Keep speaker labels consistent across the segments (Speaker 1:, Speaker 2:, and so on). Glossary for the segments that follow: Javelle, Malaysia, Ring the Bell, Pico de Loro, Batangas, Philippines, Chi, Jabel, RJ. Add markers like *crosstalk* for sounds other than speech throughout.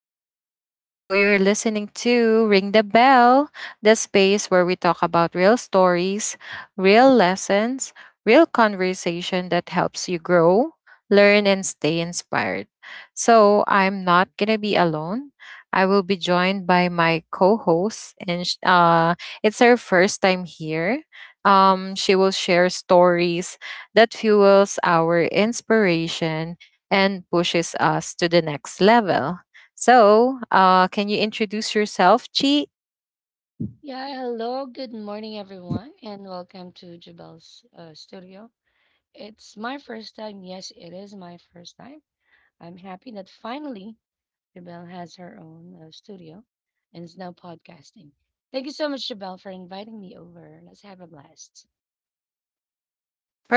Speaker 1: Javelle. So you're listening to Ring the Bell, the space where we talk about real stories, real lessons, real conversation that helps you grow, learn, and stay inspired. So I'm not going to be alone. I will be joined by my co host, and it's her first time here.
Speaker 2: Yes.
Speaker 1: She will share stories that fuels our inspiration and pushes us to the next level. So, can you introduce yourself, Chi?
Speaker 2: Yeah, hello, good morning, everyone, and welcome to Jabel's studio. It's my first time. Yes, it is my first time. I'm happy that finally Jabel has her own studio and is now podcasting. Thank you so much, Jabel, for inviting me over. Let's have a blast.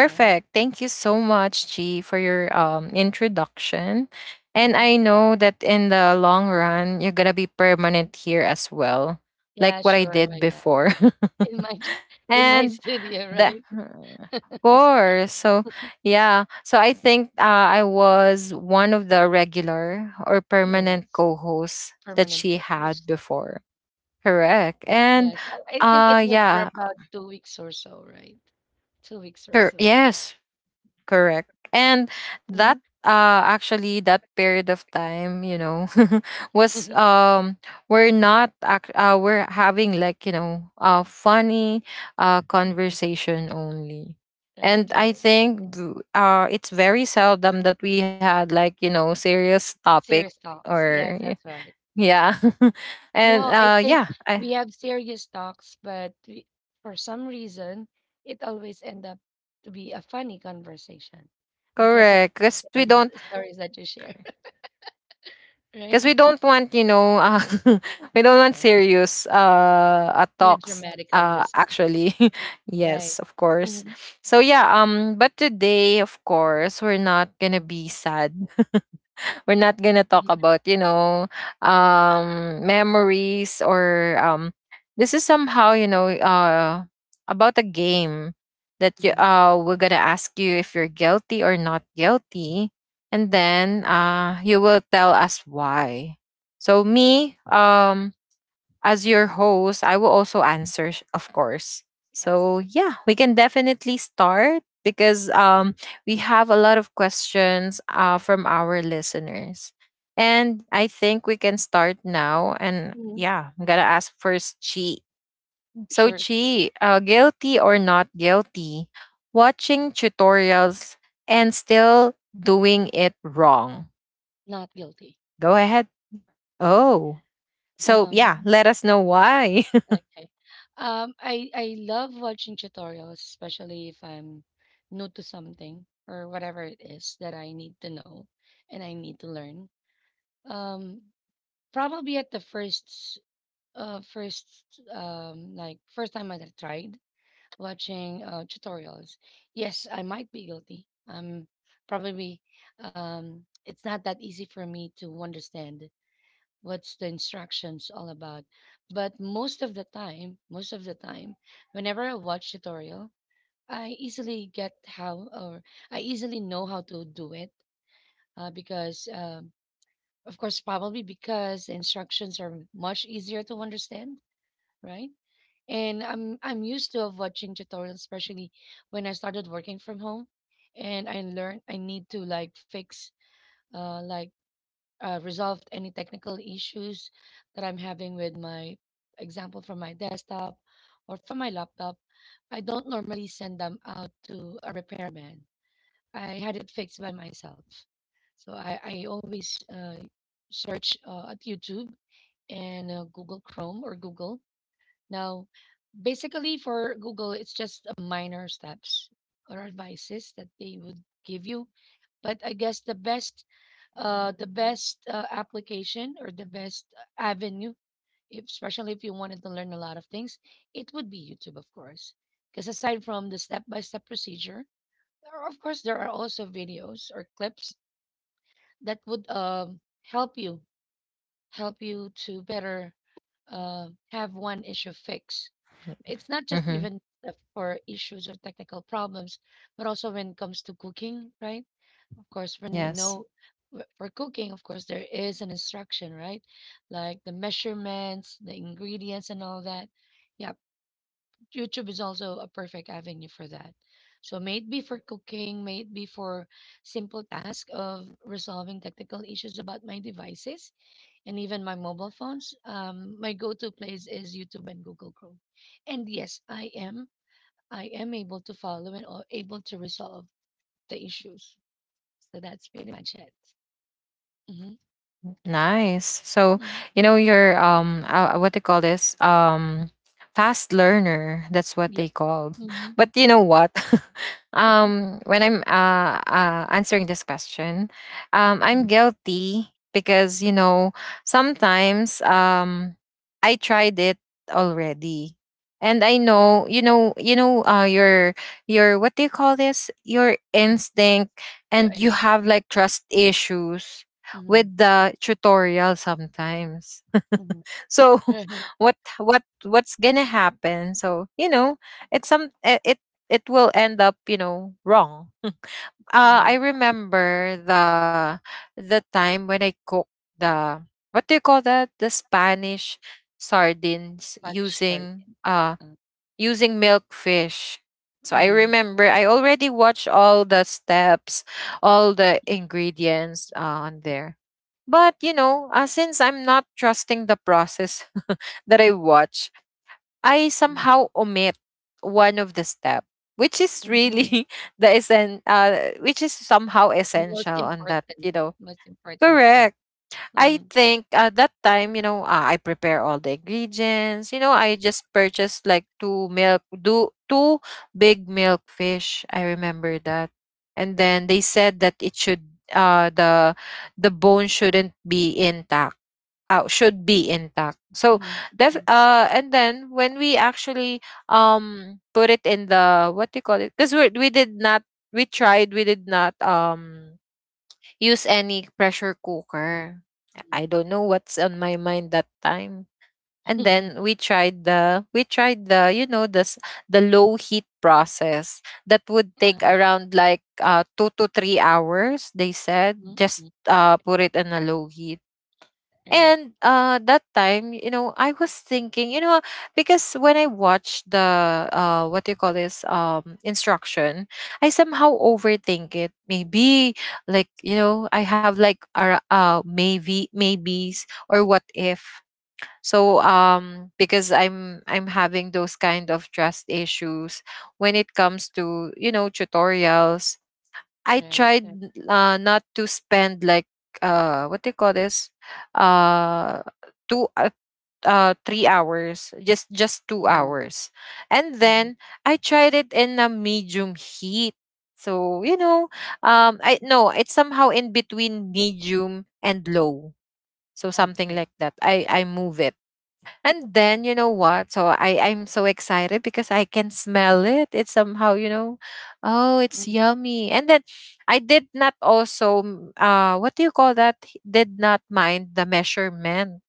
Speaker 2: Okay.
Speaker 1: Thank you so much, G, for your introduction. And
Speaker 2: Hmm.
Speaker 1: I know that in the long run, you're gonna be permanent here as well, like
Speaker 2: Yeah,
Speaker 1: what I
Speaker 2: sure. Why
Speaker 1: did
Speaker 2: not?
Speaker 1: before.
Speaker 2: In my
Speaker 1: *laughs*
Speaker 2: *laughs* in my
Speaker 1: And
Speaker 2: studio,
Speaker 1: the
Speaker 2: right? *laughs*
Speaker 1: course, so yeah, so I think I was one of the regular or permanent
Speaker 2: Yes,
Speaker 1: co-hosts that
Speaker 2: permanent
Speaker 1: she
Speaker 2: co-host.
Speaker 1: had before. Correct. And
Speaker 2: Yes, I think it was for
Speaker 1: yeah,
Speaker 2: about 2 weeks or so, right? 2 weeks or so.
Speaker 1: yes, correct. And that
Speaker 2: Mhm,
Speaker 1: actually that period of time, you know, *laughs* was
Speaker 2: mhm,
Speaker 1: we're not ac- we're having like, you know, funny
Speaker 2: mhm.
Speaker 1: conversation only.
Speaker 2: Right,
Speaker 1: And
Speaker 2: right.
Speaker 1: I think it's very seldom that we had like, you know, serious topic
Speaker 2: Serious talks.
Speaker 1: or
Speaker 2: Yes,
Speaker 1: y-
Speaker 2: that's right.
Speaker 1: yeah. *laughs* And
Speaker 2: No, I think
Speaker 1: yeah, I
Speaker 2: we have serious talks, but we, for some reason, it always end up to be a funny conversation because of
Speaker 1: correct.
Speaker 2: stories that you share, *laughs*
Speaker 1: Because we
Speaker 2: right?
Speaker 1: don't want, you know, *laughs* we don't want serious
Speaker 2: In a
Speaker 1: talks.
Speaker 2: dramatic conversation,
Speaker 1: Actually, *laughs*
Speaker 2: right?
Speaker 1: yes, of course.
Speaker 2: Hmm.
Speaker 1: So yeah, but today, of course, we're not gonna be sad, we're not gonna talk about you know memories or this is somehow you know about a game that you
Speaker 2: Hmm.
Speaker 1: we're gonna ask you if you're guilty or not guilty, and then you will tell us why. So me as your host, I will also answer, of course. So
Speaker 2: Yes.
Speaker 1: yeah, we can definitely start because we have a lot of questions from our listeners. And I think we can start now. And
Speaker 2: Mhm.
Speaker 1: yeah, I'm gonna ask first Chi. So
Speaker 2: Sure.
Speaker 1: Chi, guilty or not guilty, watching tutorials and still doing it wrong?
Speaker 2: Not guilty.
Speaker 1: Go ahead. Oh, so yeah,
Speaker 2: Um,
Speaker 1: let us know why.
Speaker 2: Okay. I love watching tutorials, especially if I'm new to something or whatever it is that I need to know and I need to learn. Um, Probably at the uh first first time that I tried watching tutorials. Yes, I might be guilty. Probably it's not that easy for me to understand what's the instructions all about. But most of the time, whenever I watch tutorial, I easily get how, or I easily know how to do it, because, of course, probably because the instructions are much easier to understand, right? And I'm used to of watching tutorials, especially when I started working from home, and I learned I need to like fix like resolved any technical issues that I'm having with my example from my desktop or from my laptop. I don't normally send them out to a repairman. I had it fixed by myself. So I always search at YouTube and Google Chrome or Google. Now, basically for Google, it's just a minor steps or advices that they would give you, but I guess the best, application or the best avenue, if, especially if you wanted to learn a lot of things, it would be YouTube, of course. Because aside from the step-by-step procedure, there are, of course, there are also videos or clips that would help you to better uh, have one issue fixed. It's not
Speaker 1: *laughs*
Speaker 2: just
Speaker 1: Hmm.
Speaker 2: even for issues or technical problems, but also when it comes to cooking, right? Of course, when you
Speaker 1: Yes.
Speaker 2: know w- for cooking, of course, there is an instruction, right? Like the measurements, the ingredients, and all that. Yeah, YouTube is also a perfect avenue for that. So, maybe for cooking, maybe for simple task of resolving technical issues about my devices and even my mobile phones. My go-to place is YouTube and Google Chrome. And yes, I am able to follow and or able to resolve the issues. So that's pretty much it. Mhm.
Speaker 1: Nice. So, you know, you're
Speaker 2: Mm,
Speaker 1: what they call this? Fast learner. That's what they call.
Speaker 2: yep.
Speaker 1: *laughs* But you
Speaker 2: Mhm,
Speaker 1: know what? *laughs*
Speaker 2: uh-huh,
Speaker 1: When I'm answering this question, I'm
Speaker 2: mm.
Speaker 1: guilty because, you know, sometimes I tried it already. And I know, you know, your what do you call this? Your instinct,
Speaker 2: Yeah, I
Speaker 1: and you
Speaker 2: understood.
Speaker 1: have like trust issues
Speaker 2: Mhm,
Speaker 1: with the tutorial sometimes.
Speaker 2: mhm,
Speaker 1: *laughs* So *laughs*
Speaker 2: right, *laughs*
Speaker 1: what's gonna happen? So you know, it's some it it it will end up you know wrong. I
Speaker 2: mhm.
Speaker 1: remember the time when I cooked the what do you call that, the Spanish sardines
Speaker 2: Spanish
Speaker 1: using
Speaker 2: hurricane. Uh,
Speaker 1: using milk fish. So I
Speaker 2: mhm,
Speaker 1: remember I already watched all the steps, all the ingredients on there. But you know, since I'm not trusting the process *laughs* that I watch, I
Speaker 2: mhm,
Speaker 1: somehow omit one of the step, which is
Speaker 2: mhm.
Speaker 1: really *laughs* the which is somehow
Speaker 2: The most
Speaker 1: essential on that,
Speaker 2: important
Speaker 1: you know.
Speaker 2: most important step.
Speaker 1: Correct. I
Speaker 2: Mhm.
Speaker 1: think at that time, you know, I prepare all the ingredients. You know, I just purchased like two big milk fish. I remember that, and then they said that it should, the bone shouldn't be intact. Should be intact. So
Speaker 2: Mhm,
Speaker 1: that,
Speaker 2: mhm,
Speaker 1: and then when we actually put it in the what do you call it? Because we did not, we did not use any pressure
Speaker 2: mhm,
Speaker 1: cooker. I
Speaker 2: mhm.
Speaker 1: don't know what's on my mind that time. And then
Speaker 2: *laughs*
Speaker 1: we tried the you know this the low heat process that would
Speaker 2: Uh-huh,
Speaker 1: take around like 2 to 3 hours. They
Speaker 2: mm,
Speaker 1: said
Speaker 2: mm,
Speaker 1: just put it in a low heat,
Speaker 2: *laughs* right.
Speaker 1: and that time, you know, I was thinking, you know, because when I watched the what do you call this, instruction, I somehow overthink it. Maybe like you know, I have like a maybe maybes or what if.
Speaker 2: uh
Speaker 1: So because I'm having those kind of trust issues when it comes to you know tutorials, I
Speaker 2: Right, right.
Speaker 1: tried not to spend like what do you call this? Uh two 3 hours, just 2
Speaker 2: Mhm,
Speaker 1: hours. And
Speaker 2: mhm.
Speaker 1: then I tried it in a medium heat. So, you know, I no, it's somehow in between medium and low. So something
Speaker 2: Okay.
Speaker 1: like that. I move it. And then you know what? So I'm so excited because I can smell it. It's somehow you know, oh, it's
Speaker 2: Mhm,
Speaker 1: yummy. And then I did not also what do you call that? Did not mind the measurement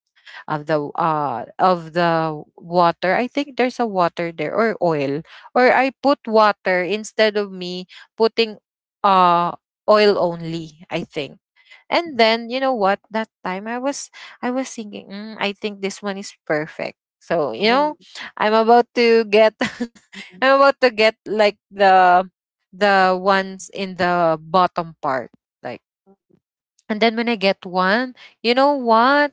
Speaker 1: of the water. I think there's a water there or oil. Or I put water instead of me putting uh oil only. I think, and then you know what? That time I was thinking, I think this one is perfect. So you
Speaker 2: mhm,
Speaker 1: know, I'm about to get *laughs*
Speaker 2: mhm,
Speaker 1: I'm about to get like the ones in the bottom part, like. And then when I get one, you know what?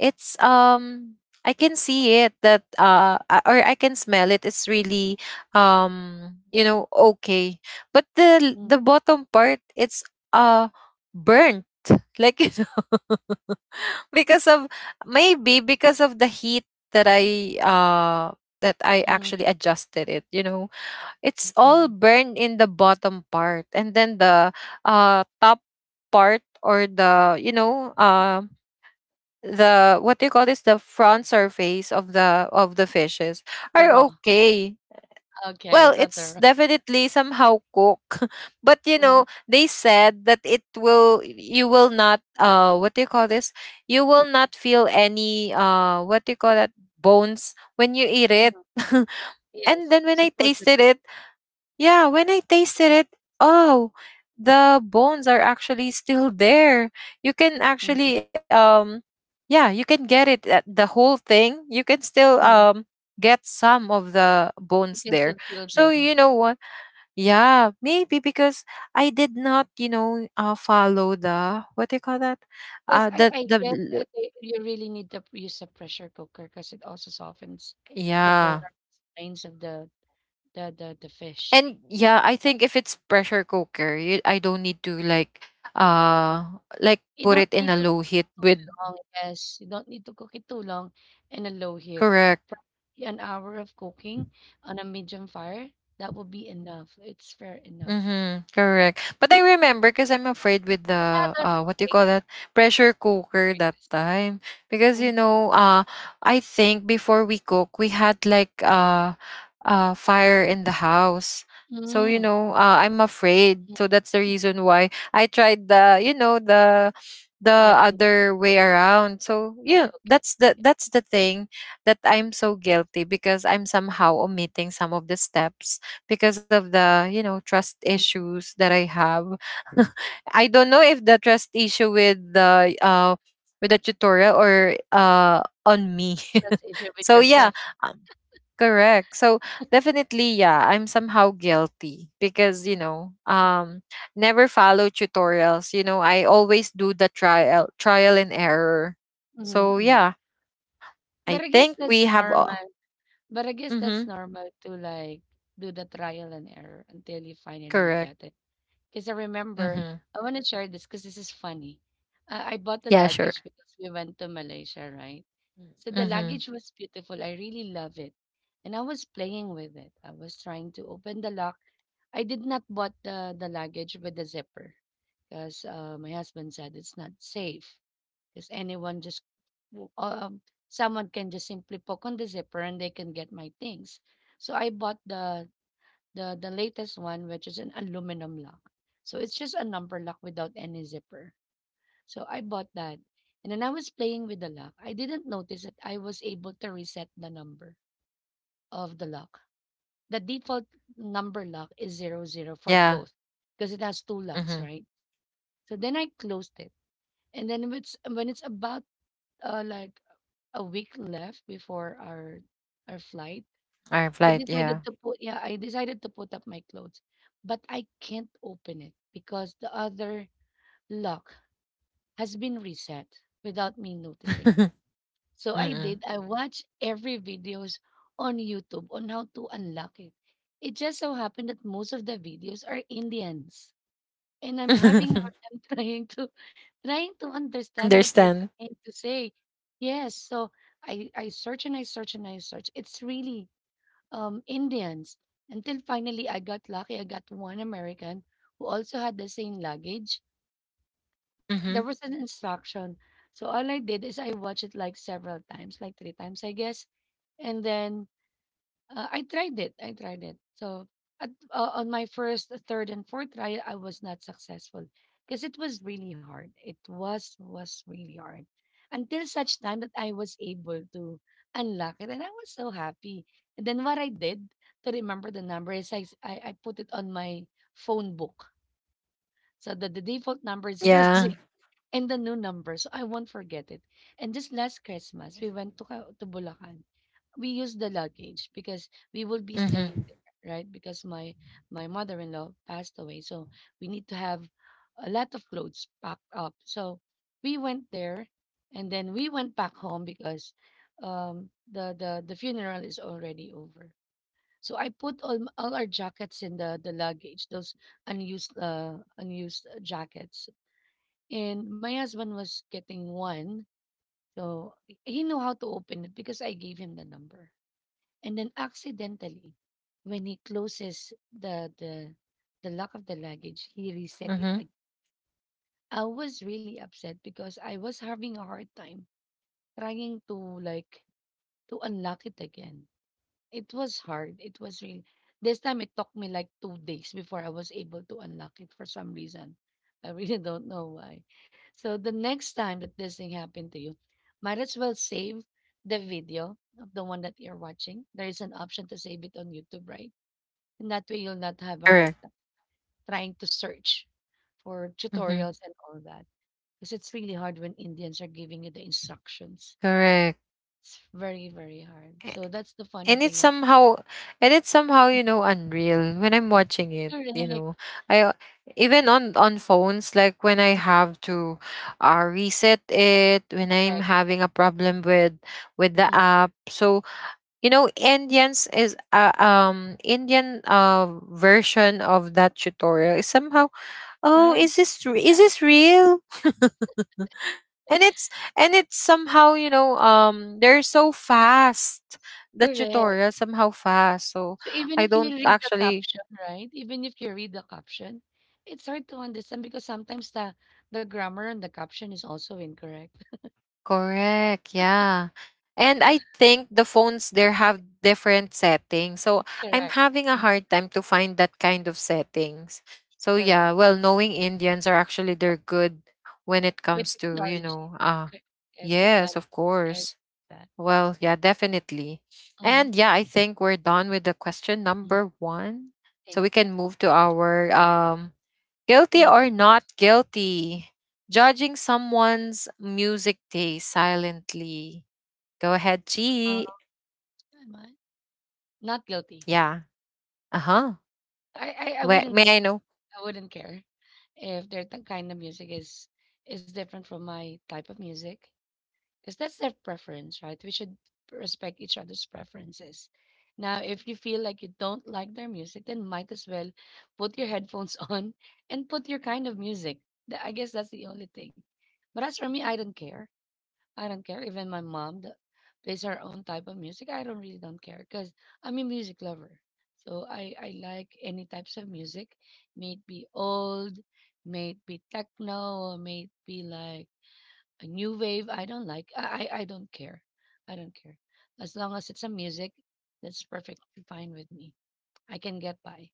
Speaker 1: It's I can see it that or I can smell it. It's really you know okay, but
Speaker 2: mhm,
Speaker 1: the bottom part it's uh burnt *laughs* like you know, because of maybe because of the heat that I uh that I
Speaker 2: mhm,
Speaker 1: actually adjusted it, you know. It's
Speaker 2: mhm.
Speaker 1: all burned in the bottom part and then the top part or the you know the what do you call this, the front surface of the fishes
Speaker 2: The
Speaker 1: are
Speaker 2: raw.
Speaker 1: okay,
Speaker 2: Okay,
Speaker 1: well,
Speaker 2: not the raw.
Speaker 1: it's definitely somehow cook. *laughs* But you know, they said that it will, you will not what do you call this? You will not feel any what do you call that, bones when you eat it.
Speaker 2: Uh-huh.
Speaker 1: *laughs* And
Speaker 2: Yes,
Speaker 1: then when I tasted
Speaker 2: supposedly.
Speaker 1: it, yeah, when I tasted it, oh, the bones are actually still there. You can
Speaker 2: Mhm,
Speaker 1: actually yeah, you can get it at the whole thing. You can still
Speaker 2: mhm.
Speaker 1: get some of the
Speaker 2: You
Speaker 1: bones
Speaker 2: can
Speaker 1: there.
Speaker 2: still feel
Speaker 1: So
Speaker 2: them.
Speaker 1: you know what? Yeah, maybe because I did not, you know, follow the what do you call that?
Speaker 2: Because
Speaker 1: Uh
Speaker 2: I
Speaker 1: the
Speaker 2: I
Speaker 1: the
Speaker 2: guess,
Speaker 1: l-
Speaker 2: they you really need to p use a pressure cooker because it also softens the bone
Speaker 1: yeah.
Speaker 2: or spines of the fish.
Speaker 1: And yeah,
Speaker 2: The
Speaker 1: I
Speaker 2: pro
Speaker 1: think if it's pressure cooker, you, I don't need to uh like
Speaker 2: you
Speaker 1: put
Speaker 2: don't
Speaker 1: it in a
Speaker 2: need to
Speaker 1: low
Speaker 2: cook it
Speaker 1: heat
Speaker 2: too
Speaker 1: with
Speaker 2: long. Yes, you don't need to cook it too long in a low heat.
Speaker 1: correct.
Speaker 2: Probably an hour of cooking on a medium fire, that will be enough. It's fair enough.
Speaker 1: Mm-hmm, correct. But I remember because I'm afraid with
Speaker 2: But how
Speaker 1: the
Speaker 2: does it
Speaker 1: what do you
Speaker 2: taste?
Speaker 1: call that, pressure cooker that
Speaker 2: Curious.
Speaker 1: time, because
Speaker 2: Mm.
Speaker 1: you know I think before we cook we had like fire in the house. So you
Speaker 2: Mm.
Speaker 1: know I'm afraid. So that's the
Speaker 2: Mm.
Speaker 1: reason why I tried the you know
Speaker 2: The
Speaker 1: the other
Speaker 2: conventional
Speaker 1: way around. So
Speaker 2: Okay,
Speaker 1: yeah,
Speaker 2: okay.
Speaker 1: that's the thing that I'm so guilty because I'm somehow omitting some of the steps because of the you know trust
Speaker 2: Yeah.
Speaker 1: issues that I have. *laughs* I don't know if the trust issue with the tutorial or on me.
Speaker 2: Trust issue
Speaker 1: *laughs*
Speaker 2: with
Speaker 1: So yeah,
Speaker 2: yourself.
Speaker 1: um, correct. So definitely yeah, I'm somehow guilty because you know
Speaker 2: Mhm,
Speaker 1: never follow tutorials. You know I always do the trial and error.
Speaker 2: mhm,
Speaker 1: So
Speaker 2: mm.
Speaker 1: yeah, I
Speaker 2: But I guess, yes,
Speaker 1: think
Speaker 2: that's
Speaker 1: we have.
Speaker 2: normal. But I guess that's
Speaker 1: Mm-hmm,
Speaker 2: normal to like do the trial and error until you finally
Speaker 1: correct.
Speaker 2: get it. Because I remember,
Speaker 1: Mm-hmm.
Speaker 2: I want to share this because this is funny. I bought the
Speaker 1: Yeah, sure.
Speaker 2: luggage because we went to Malaysia, right? So the luggage
Speaker 1: Mm-hmm.
Speaker 2: was beautiful. I really love it. And I was playing with it. I was trying to open the lock. I did not bought the luggage with the zipper because my husband said it's not safe because w- um someone can just simply poke on the zipper and they can get my things. So I bought the latest one, which is an aluminum lock. So it's just a number lock without any zipper. So I bought that. And then I was playing with the lock. I didn't notice that I was able to reset the number of the lock. The default number lock is zero zero for
Speaker 1: Yeah.
Speaker 2: both, because it has two locks,
Speaker 1: Mhm.
Speaker 2: right? So then I closed it. And then when it's about like a week left before our flight,
Speaker 1: I
Speaker 2: I
Speaker 1: replied. Yeah.
Speaker 2: decided to put yeah, I decided to put up my clothes, but I can't open it because the other lock has been reset without me noticing.
Speaker 1: *laughs*
Speaker 2: So I
Speaker 1: Mm-mm.
Speaker 2: did. I watched every videos on YouTube on how to unlock it. It just so happened that most of the videos are Indians. And I'm having a hard
Speaker 1: *laughs*
Speaker 2: time *laughs* trying to understand what they're
Speaker 1: Understand.
Speaker 2: trying to say. Yes, so I search and I search and I search. It's really Indians, until finally I got lucky. I got one American who also had the same luggage. There
Speaker 1: Mm-hmm.
Speaker 2: was an instruction. So all I did is I watched it like several times, like 3 times, I guess. And then I tried it. I tried it. So on my first, third, and fourth try, I was not successful because it was really hard. It was really hard, until such time that I was able to unlock it, and I was so happy. And then what I did to remember the number is I put it on my phone book, so that the default number is zero *laughs* zero
Speaker 1: Yeah.
Speaker 2: and the new number, so I won't forget it. And just last Christmas, we went to to Bulacan. We use the luggage because we will be
Speaker 1: Mm-hmm.
Speaker 2: staying there, right? Because my mother-in-law passed away, so we need to have a lot of clothes packed up. So we went there, and then we went back home because the funeral is already over. So I put all our jackets in the luggage, those unused unused jackets, and my husband was getting one. So he knew how to open it because I gave him the number, and then accidentally, when he closes the the the lock of the luggage, he reset it.
Speaker 1: Mm-hmm.
Speaker 2: I was really upset because I was having a hard time trying to, like, to unlock it again. It was hard. It was really, this time it took me like 2 days before I was able to unlock it, for some reason. I really *laughs* don't know why. So the next time that this thing happened to you, might as well save the video of the one that you're watching. There is an option to save it on YouTube, right? And that way you'll not have a hard
Speaker 1: Correct.
Speaker 2: time trying to search for
Speaker 1: Mm-hmm.
Speaker 2: tutorials and all that. Because it's really hard when Indians are giving you the instructions.
Speaker 1: Correct.
Speaker 2: It's very, very hard.
Speaker 1: A-
Speaker 2: So that's the funny
Speaker 1: And it's
Speaker 2: thing. Ab-
Speaker 1: somehow, you know, unreal when I'm watching it. You know,
Speaker 2: Correct,
Speaker 1: I even on phones, like when I have to reset it, when I'm
Speaker 2: correct.
Speaker 1: having a problem with the
Speaker 2: Mm.
Speaker 1: app. So you know, Indian version of that tutorial is somehow, oh
Speaker 2: Hard,
Speaker 1: is
Speaker 2: uh,
Speaker 1: this real? *laughs* And it's somehow you know they're so fast, the
Speaker 2: correct.
Speaker 1: tutorial somehow fast, so
Speaker 2: So even
Speaker 1: I
Speaker 2: if you
Speaker 1: don't
Speaker 2: read the
Speaker 1: actually
Speaker 2: caption, right? Even if you read the caption, it's hard to understand because sometimes the grammar and the caption is also incorrect.
Speaker 1: correct. Yeah. And I think the phones there have different settings. So I'm
Speaker 2: Correct.
Speaker 1: having a
Speaker 2: Mm.
Speaker 1: hard time to find that kind of settings. So yeah,
Speaker 2: Correct.
Speaker 1: well, knowing Indians are actually they're good when it
Speaker 2: With
Speaker 1: comes to, you
Speaker 2: technology.
Speaker 1: know, ah,
Speaker 2: Cor- Yes,
Speaker 1: yes,
Speaker 2: technology.
Speaker 1: of course.
Speaker 2: That.
Speaker 1: Well, yeah, definitely.
Speaker 2: Mm.
Speaker 1: And yeah, I think we're done with the question
Speaker 2: Yeah,
Speaker 1: number 1. So we
Speaker 2: thank you.
Speaker 1: can move to our
Speaker 2: Sure.
Speaker 1: guilty
Speaker 2: Next,
Speaker 1: or not guilty? Judging someone's music taste silently. Go ahead,
Speaker 2: uh,
Speaker 1: G.
Speaker 2: who am I? Not guilty.
Speaker 1: Yeah. Uh huh.
Speaker 2: I, I wouldn't
Speaker 1: May I
Speaker 2: care.
Speaker 1: know?
Speaker 2: I wouldn't care if their kind of music is different from my type of music, because that's their preference, right? We should respect each other's preferences. Now, if you feel like you don't like their music, then might as well put your headphones *laughs* on and put your kind of music. I guess that's the only thing. But as for me, I don't care. I don't care. Even my mom that plays her own type of music, I don't really don't care, because I'm a music lover. So I like any types of music, may it be old, may it be techno, or may it be like a new wave. I don't like. I don't care. I don't care. As long as it's a music, that's perfectly fine with me. I can get by.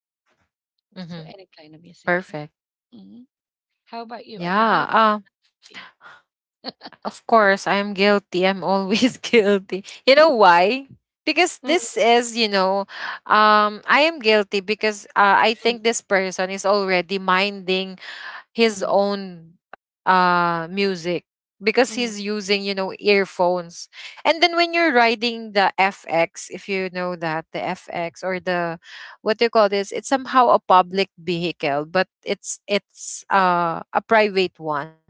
Speaker 2: So
Speaker 1: Mm-hmm.
Speaker 2: any kind of music. *laughs*
Speaker 1: Perfect.
Speaker 2: hmm How about you? Are you
Speaker 1: Yeah.
Speaker 2: guilty?
Speaker 1: Of course, I'm guilty. I'm always *laughs* guilty. You know why? Because
Speaker 2: Mm,
Speaker 1: this is, I am guilty because I
Speaker 2: mm,
Speaker 1: think this person is already minding his
Speaker 2: mm,
Speaker 1: own music because he's
Speaker 2: mm,
Speaker 1: using earphones. And then when you're riding the FX, if you know that the FX, or the what do you call this it's somehow a public vehicle, but it's a private one.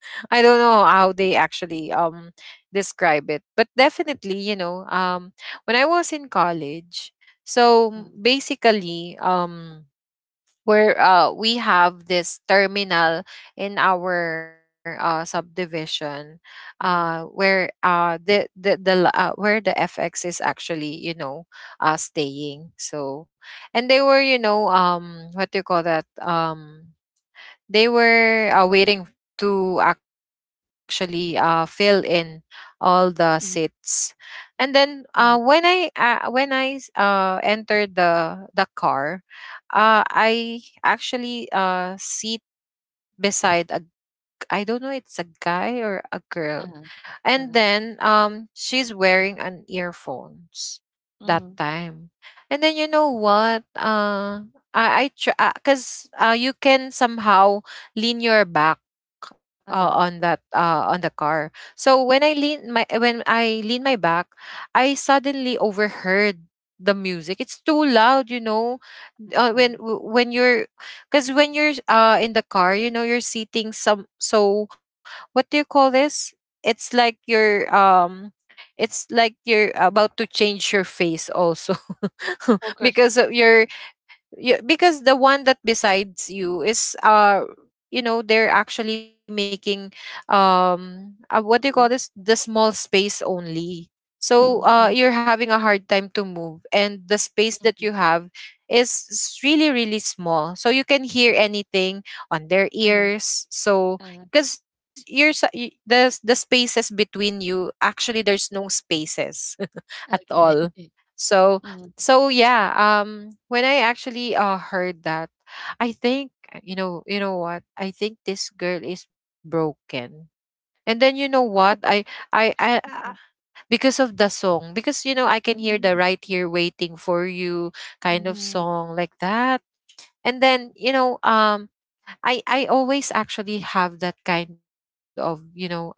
Speaker 1: *laughs* I don't know how they actually describe it, but definitely, when I was in college. so
Speaker 2: mm,
Speaker 1: basically um where we have this terminal in our subdivision,
Speaker 2: mm,
Speaker 1: where where the FX is actually, staying. So, and they were, you know what do you call that they were waiting to actually fill in all the seats.
Speaker 2: mm,
Speaker 1: And then
Speaker 2: mm,
Speaker 1: when I entered the car. I actually sit beside I don't know it's a guy or a girl.
Speaker 2: uh-huh,
Speaker 1: And
Speaker 2: uh-huh,
Speaker 1: then she's wearing an earphones that
Speaker 2: mhm,
Speaker 1: time. And then, you know what? I try because you can somehow lean your back
Speaker 2: uh-huh,
Speaker 1: on the car. So when I lean my when I lean my back, I suddenly overheard the music. It's too loud, you know.
Speaker 2: uh-huh, uh-huh.
Speaker 1: When w- when you're because when you're in the car, you know you're seating, some so what do you call this? It's like you're um it's like you're about to change your face also, *laughs*
Speaker 2: Poker
Speaker 1: because of
Speaker 2: face.
Speaker 1: your— yeah, because the one that besides you is you know, they're actually making, what do you call
Speaker 2: Mhm,
Speaker 1: this the small space only.
Speaker 2: mhm,
Speaker 1: So
Speaker 2: mhm,
Speaker 1: you're having a hard time to move, and the space that
Speaker 2: mhm,
Speaker 1: you have is really really small, so you can hear anything on their
Speaker 2: uh-huh,
Speaker 1: ears.
Speaker 2: uh-huh,
Speaker 1: So because you're s- y- the spaces between you, actually there's no spaces *laughs* at
Speaker 2: okay.
Speaker 1: all.
Speaker 2: *laughs*
Speaker 1: So
Speaker 2: Mhm,
Speaker 1: so, yeah, when I actually heard that, I think, you know what? I think this girl is broken. And then, you know what? I I I-
Speaker 2: uh-huh,
Speaker 1: because of the song, because, you know, I can hear the
Speaker 2: mhm,
Speaker 1: "Right Here Waiting for You" kind of
Speaker 2: mhm,
Speaker 1: song, like that. And then, you know, I always actually have that kind of, you know,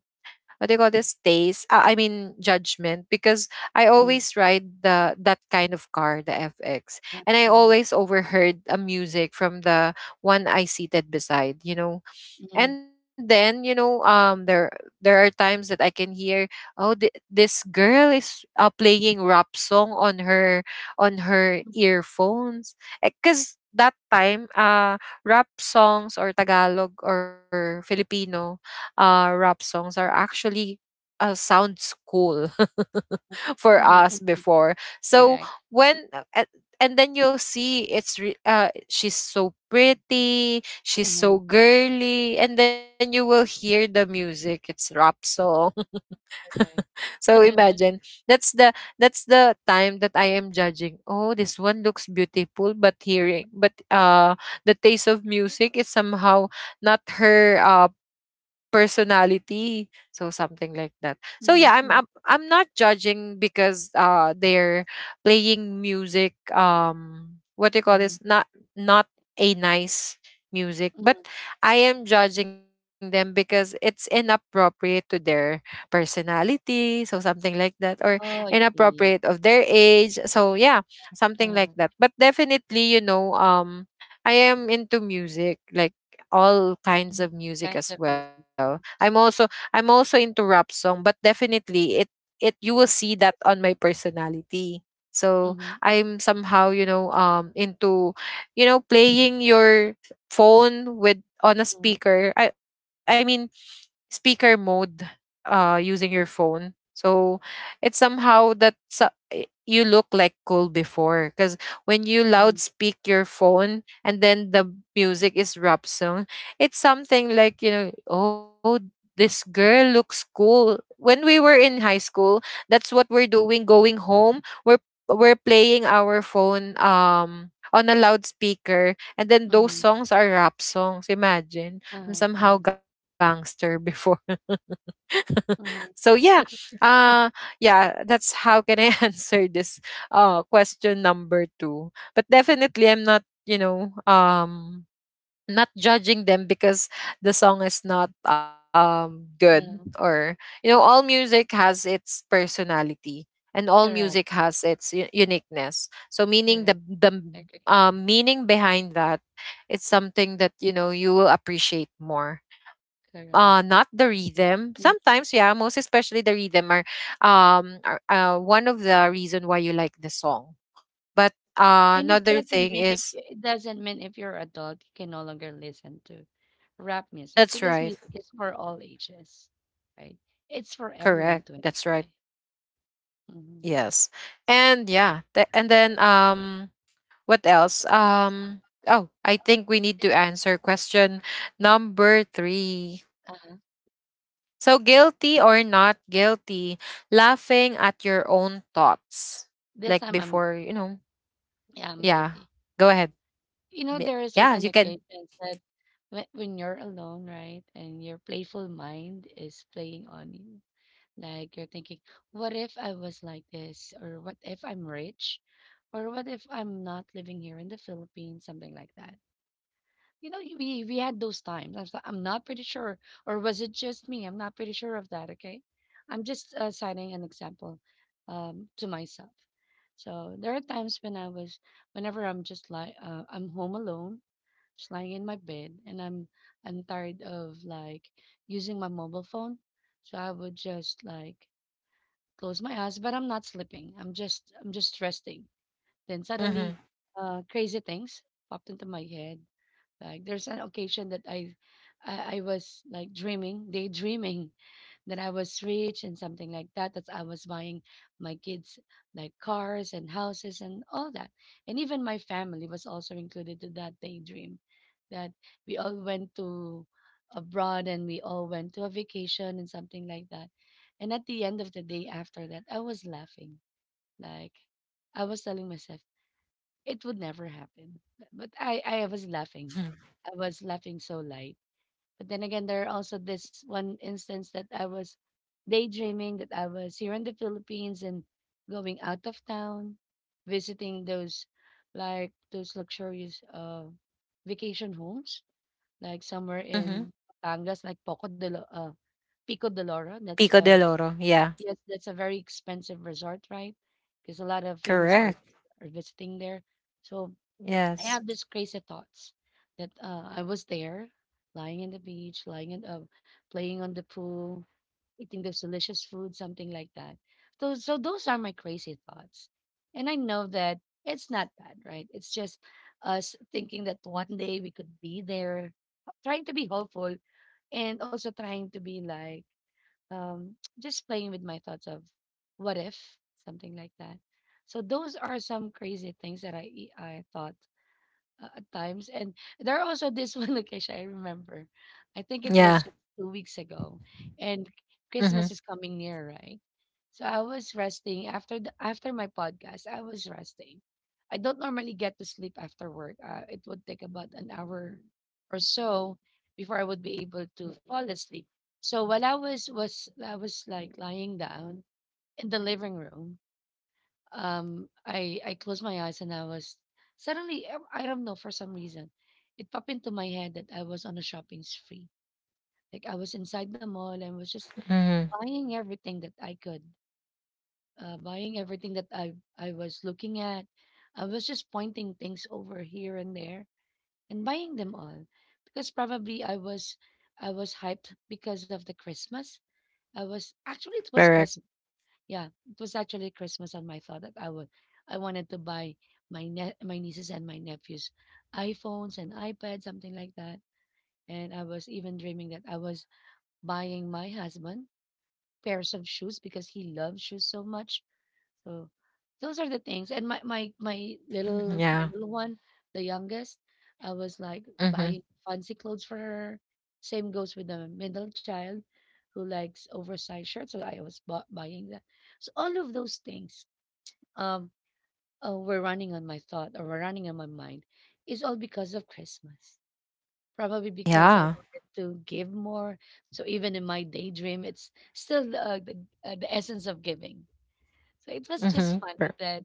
Speaker 1: what do you call this taste, I mean judgment, because I always
Speaker 2: mhm,
Speaker 1: ride the— that kind of car, the FX, and I
Speaker 2: okay.
Speaker 1: always overheard a music from the one I seated beside, you know.
Speaker 2: Mhm,
Speaker 1: And then, you know, there there are times that I can hear, oh, this girl is playing rap song on her— on her earphones. Because that time, rap songs, or Tagalog or Filipino rap songs are actually sounds cool *laughs* for
Speaker 2: mhm, mm,
Speaker 1: us before. So
Speaker 2: correct.
Speaker 1: when— and then you'll see it's she's so pretty, she's so
Speaker 2: Mhm,
Speaker 1: girly, and then you will hear the music, it's rap song.
Speaker 2: correct.
Speaker 1: *laughs* So imagine,
Speaker 2: *laughs*
Speaker 1: that's the that's the time that I am judging. Oh, this one looks beautiful, but hearing, but the taste of music is somehow not her personality. So something like that. So yeah, I'm
Speaker 2: Mhm,
Speaker 1: I'm,
Speaker 2: mhm,
Speaker 1: I'm not judging because they're playing music. What do you call this?
Speaker 2: mhm,
Speaker 1: Not not a nice music, but
Speaker 2: mhm.
Speaker 1: I am judging them because it's inappropriate to their personality, so something like that, or
Speaker 2: Oh, I
Speaker 1: inappropriate
Speaker 2: see.
Speaker 1: of their age. So yeah, something like
Speaker 2: Uh-huh,
Speaker 1: that. But definitely, I am into music, like all kinds
Speaker 2: mm,
Speaker 1: of music
Speaker 2: kinds
Speaker 1: as
Speaker 2: of
Speaker 1: well.
Speaker 2: music.
Speaker 1: I'm also into rap song, but definitely it you will see that on my personality. So
Speaker 2: Mhm,
Speaker 1: I'm somehow, into, you know, playing your phone with— on a
Speaker 2: mhm,
Speaker 1: speaker. I mean speaker mode, using your
Speaker 2: mm,
Speaker 1: phone. So it's somehow that— you look like cool before, because when you loud
Speaker 2: mhm,
Speaker 1: speak your phone, and then the music is rap song, it's something like, you know, oh, this girl looks cool. When we were in high school, that's what we're doing going home, we're we're playing our phone on a loudspeaker, and then those
Speaker 2: mhm,
Speaker 1: songs are rap songs. Imagine,
Speaker 2: uh-huh,
Speaker 1: I'm
Speaker 2: uh-huh,
Speaker 1: somehow gangster before. *laughs* So
Speaker 2: mhm,
Speaker 1: yeah, uh, yeah, that's how can I *laughs* answer this question number two. But definitely, I'm not, not judging them because the song is not good,
Speaker 2: yeah,
Speaker 1: or you know all music has its personality, and all music
Speaker 2: correct,
Speaker 1: has its uniqueness. So meaning
Speaker 2: correct.
Speaker 1: the
Speaker 2: Agree.
Speaker 1: meaning behind that, it's something that, you know, you will appreciate more, not
Speaker 2: Correct.
Speaker 1: the rhythm.
Speaker 2: Correct.
Speaker 1: Sometimes, yeah, most especially the rhythm are one of the reason why you like the song. But
Speaker 2: And it
Speaker 1: another
Speaker 2: doesn't
Speaker 1: thing
Speaker 2: mean if
Speaker 1: is—
Speaker 2: it doesn't mean if you're adult, you can no longer listen to rap music
Speaker 1: that's
Speaker 2: because
Speaker 1: right,
Speaker 2: music is for all ages, right? It's for
Speaker 1: correct, that's
Speaker 2: everyone to
Speaker 1: right.
Speaker 2: enjoy. Hmm.
Speaker 1: Yes. And yeah, and then what else? Oh, I think we need to answer question number 3.
Speaker 2: Uh-huh.
Speaker 1: So, guilty or not guilty, laughing at your own thoughts.
Speaker 2: This
Speaker 1: Like
Speaker 2: time
Speaker 1: before, you know.
Speaker 2: yeah, I'm guilty.
Speaker 1: Yeah. Go ahead.
Speaker 2: You know, there are
Speaker 1: Y-
Speaker 2: certain
Speaker 1: Yeah, you can.
Speaker 2: occasions that when you're alone, right, and your playful mind is playing on you, like you're thinking, what if I was like this? Or what if I'm rich? Or what if I'm not living here in the Philippines? Something like that. You know, we had those times. I'm not pretty sure. Or was it just me? I'm not pretty sure of that. Okay, I'm just citing an example to myself. So there are times when I was, whenever I'm just like I'm home alone, just lying in my bed, and I'm tired of like using my mobile phone. So I would just like close my eyes, but I'm not sleeping. I'm just resting. Then suddenly,
Speaker 1: Mhm.
Speaker 2: crazy things popped into my head. Like there's an occasion that I was like dreaming, daydreaming that I was rich and something like that, that I was buying my kids like cars and houses and all that. And even my family was also included to that daydream that we all went to abroad and we all went to a vacation and something like that. And at the end of the day after that, I was laughing. Like I was telling myself, it would never happen. But I was laughing. I was laughing so light, but then again, there are also this one instance that I was daydreaming that I was here in the Philippines and going out of town, visiting those like those luxurious vacation homes, like somewhere in
Speaker 1: Mhm.
Speaker 2: Batangas, like Pico de Loro. That's uh
Speaker 1: Pico
Speaker 2: that's,
Speaker 1: de Loro.
Speaker 2: yes,
Speaker 1: Yeah.
Speaker 2: that's a very expensive resort, right? Because a lot of famous artists
Speaker 1: Correct.
Speaker 2: are visiting there. So I have these
Speaker 1: Yes.
Speaker 2: crazy thoughts that I was there, lying in the beach, lying in playing on the pool, eating this delicious food, something like that. So those are my crazy thoughts, and I know that it's not bad, right? It's just us thinking that one day we could be there, trying to be hopeful, and also trying to be like *tsk* just playing with my thoughts of what if, something like that. So those are some crazy things that I thought at times. And there are also this *laughs* one occasion I remember. I think it was
Speaker 1: Yeah.
Speaker 2: just 2 weeks ago, and Christmas is
Speaker 1: Mhm.
Speaker 2: coming near, right? So I was resting after the, after my podcast. I was resting. I don't normally get to sleep after work. It would take about an hour or so before I would be able to fall asleep. So while I was like lying down in the living room, I closed my eyes and I was suddenly I don't know, for some reason it popped into my head that I was on a shopping spree. Like I was inside the mall and was just
Speaker 1: Mhm.
Speaker 2: buying everything that I could, buying everything that I was looking at. I was just pointing things over here and there and buying them all because probably I was hyped because of the Christmas. I was actually it was Christmas,
Speaker 1: Correct.
Speaker 2: yeah, it was actually Christmas, and my thought that I would, I wanted to buy my nieces and my nephews iPhones and iPads, something like that. And I was even dreaming that I was buying my husband pairs of shoes because he loves shoes so much. So those are the things. And my my my little my
Speaker 1: Yeah.
Speaker 2: little one, the youngest, I was like buying
Speaker 1: Mhm.
Speaker 2: fancy clothes for her. Same goes with the middle child who likes oversized shirts. So I was buying that. So all of those things um were running on my thought or were running on my mind is all because of Christmas. Probably because I
Speaker 1: Yeah.
Speaker 2: wanted to give more. So even in my daydream, it's still the essence of giving. So it was just
Speaker 1: Mm-hmm.
Speaker 2: funny that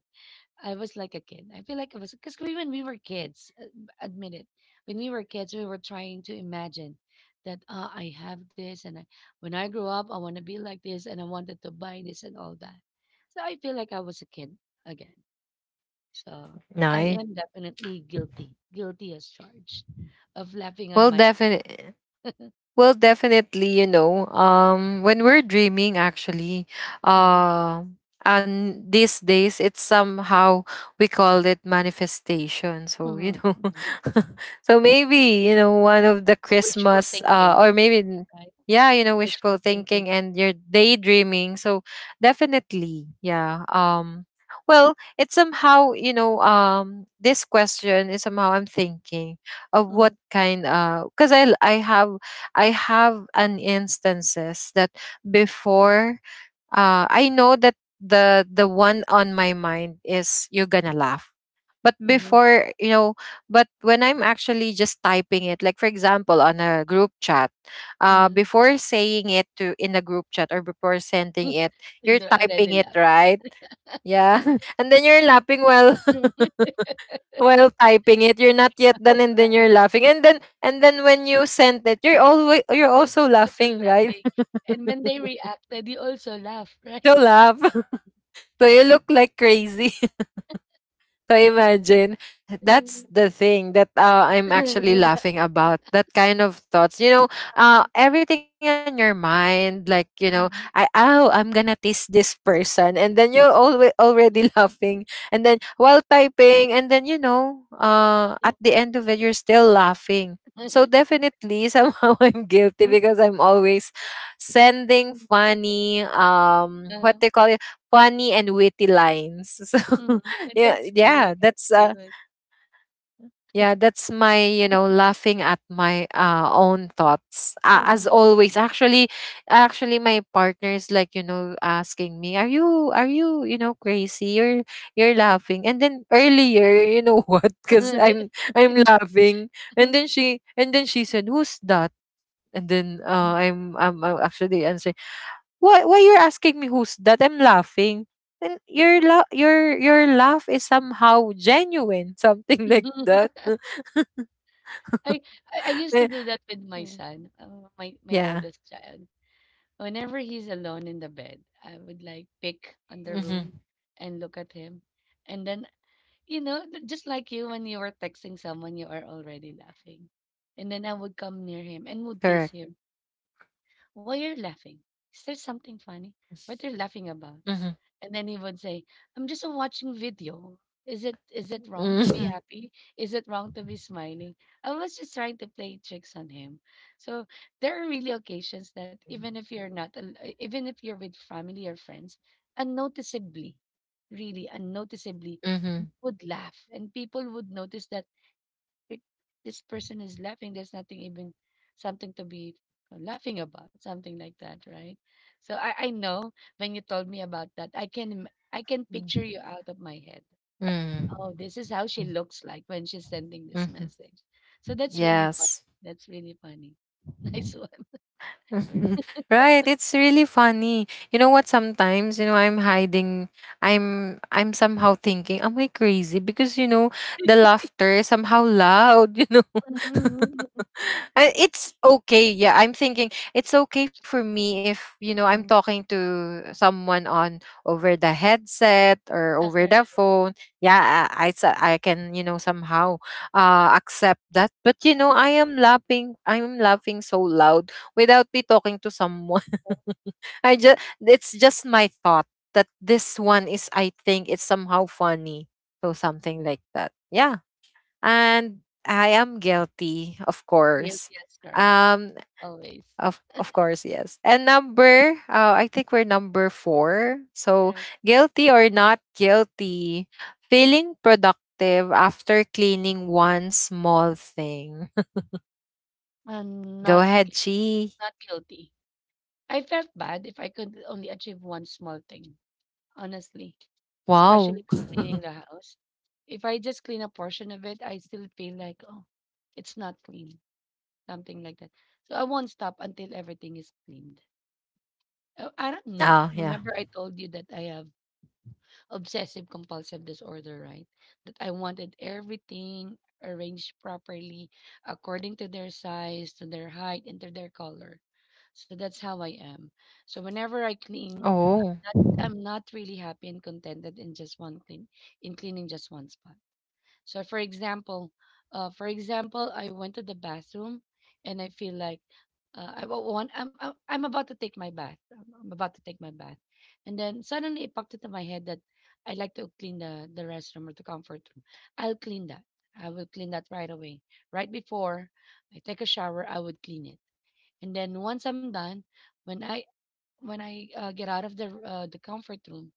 Speaker 2: I was like a kid. I feel like I was because we, when we were kids, admit it, when we were kids, we were trying to imagine that I have this, and I, when I grow up, I want to be like this, and I wanted to buy this and all that. So I feel like I was a kid again. So I
Speaker 1: No.
Speaker 2: am definitely guilty, guilty as charged, of laughing at
Speaker 1: Well,
Speaker 2: my own.
Speaker 1: definitely. Well, definitely, you know, when we're dreaming, actually,
Speaker 2: Mhm,
Speaker 1: uh, and these days it's somehow, we call it manifestation. So, you
Speaker 2: mhm,
Speaker 1: know,
Speaker 2: mhm.
Speaker 1: *laughs* so maybe, you know, one of the
Speaker 2: Wishful
Speaker 1: Christmas,
Speaker 2: thinking,
Speaker 1: or maybe
Speaker 2: right?
Speaker 1: yeah, you know,
Speaker 2: Wishful
Speaker 1: wishful
Speaker 2: thinking.
Speaker 1: thinking and your daydreaming. So definitely, yeah. Well, it's somehow, you know, this question is somehow, I'm thinking of
Speaker 2: Mm-hmm,
Speaker 1: what kind because I have— I have an instances that before, I know that the one on my mind is you're gonna laugh. But
Speaker 2: mm-hmm,
Speaker 1: before, you know, but when I'm actually just typing it, like for example on a group chat,
Speaker 2: mm-hmm.
Speaker 1: before saying it to in a group chat, or before sending it,
Speaker 2: *laughs*
Speaker 1: you're typing
Speaker 2: Already
Speaker 1: it,
Speaker 2: laughed.
Speaker 1: right, yeah, *laughs* and then you're laughing while
Speaker 2: Yeah.
Speaker 1: *laughs* while typing it, you're not yet done, and then
Speaker 2: *laughs*
Speaker 1: you're laughing, and then when you sent it, you're always— you're
Speaker 2: There's
Speaker 1: also
Speaker 2: also
Speaker 1: laughing, right?
Speaker 2: laughing. And when they reacted, you also laugh, right?
Speaker 1: *laughs* So laugh, *laughs* so you look like crazy. *laughs* So imagine,
Speaker 2: Mm.
Speaker 1: that's the thing that, I'm actually
Speaker 2: *laughs*
Speaker 1: laughing about. That kind of thoughts, you know, everything in your mind, like, you know, I—
Speaker 2: Mhm.
Speaker 1: oh, I'm gonna tease this person, and then you're always already *laughs*
Speaker 2: Mhm.
Speaker 1: laughing, and then while typing, and then, you know, at the end of it, you're still laughing. So definitely, *laughs* somehow I'm guilty because I'm always sending funny, what
Speaker 2: Uh,
Speaker 1: they call it, funny and witty lines. *laughs*
Speaker 2: mhm.
Speaker 1: So yeah,
Speaker 2: That's good. That's
Speaker 1: that's
Speaker 2: good.
Speaker 1: yeah, that's my, you know, laughing at my own thoughts, as
Speaker 2: Mhm.
Speaker 1: always. Actually, actually my partner is like, you know, asking me, are you, you know, crazy? You're— you're
Speaker 2: Uh,
Speaker 1: laughing. And then earlier, you know, *laughs* what? Because I'm
Speaker 2: *laughs*
Speaker 1: laughing, and then she— and then she said, who's that? And then, I'm, I'm actually answering, why— why you're asking me who's that? I'm laughing. And your your— your laugh is somehow genuine, *laughs* something like that. *laughs*
Speaker 2: I, I used to
Speaker 1: Eh,
Speaker 2: do that with my son, my my
Speaker 1: yeah.
Speaker 2: eldest child. Whenever he's alone in the bed, I would like pick on the
Speaker 1: Mm-hmm.
Speaker 2: room and look at him, and then you know, just like you, when you were texting someone, you are already laughing. And then I would come near him and would
Speaker 1: Correct.
Speaker 2: tease him. Why you're laughing? Is there something funny? What are you laughing about?
Speaker 1: Mm-hmm.
Speaker 2: And then he would say, I'm just watching video. Is it wrong to
Speaker 1: Mm-hmm.
Speaker 2: be happy? Is it wrong to be smiling? I was just trying to play tricks on him. So there are really occasions that even if you're not even if you're with family or friends, unnoticeably, really unnoticeably,
Speaker 1: Mm-hmm.
Speaker 2: you would laugh and people would notice that, "Wait, this person is laughing. There's nothing even something to be laughing about," something like that, right? So I know when you told me about that, I can picture you out of my head.
Speaker 1: Mm-hmm.
Speaker 2: Oh, this is how she looks like when she's sending this
Speaker 1: Mm-hmm.
Speaker 2: message. So that's really fun.
Speaker 1: Yes.
Speaker 2: That's really funny. *laughs* Nice one.
Speaker 1: *laughs* Right, it's really funny. You know what, sometimes, you know, I'm hiding— I'm somehow thinking, am I crazy? Because, you know, the
Speaker 2: *laughs*
Speaker 1: laughter is somehow loud, *laughs* you know. *laughs*
Speaker 2: Mhm.
Speaker 1: It's okay. Yeah, I'm thinking it's okay for me if, you know, I'm talking to someone on— over the headset or
Speaker 2: Ah,
Speaker 1: over the phone. Yeah, I, I can, you know, somehow accept that. But, you know, I am laughing. I'm laughing so loud without me talking to someone. *laughs* I just— it's just my thought that this one is, I think it's somehow funny. So something like that. Yeah, and I am guilty, of course.
Speaker 2: guilty as charged,
Speaker 1: Um,
Speaker 2: always.
Speaker 1: of course, yes. And number, I think we're number four. So,
Speaker 2: Correct.
Speaker 1: guilty or not guilty, feeling productive after cleaning one small thing.
Speaker 2: I'm
Speaker 1: *laughs* Go
Speaker 2: not
Speaker 1: ahead, Chi.
Speaker 2: not guilty. I felt bad if I could only achieve one small thing, honestly, especially
Speaker 1: Wow.
Speaker 2: with cleaning the
Speaker 1: *laughs*
Speaker 2: house. If I just clean a portion of it, I still feel like, oh, it's not clean, something like that. So I won't stop until everything is cleaned. I don't know.
Speaker 1: Oh yeah.
Speaker 2: Remember, I told you that I have obsessive compulsive disorder, right? That I wanted everything arranged properly according to their size, to their height, and to their color. So that's how I am. So whenever I clean,
Speaker 1: Oh,
Speaker 2: not I'm not really happy and contented in just one clean, in cleaning just one spot. So for example, I went to the bathroom and I feel like I wa- want I'm about to take my bath. I'm about to take my bath, and then suddenly it popped into my head that I like to clean the restroom or the comfort room. I'll clean that. I will clean that right away. Right before I take a shower, I would clean it. And then once I'm done, when I when I get out of the the comfort room,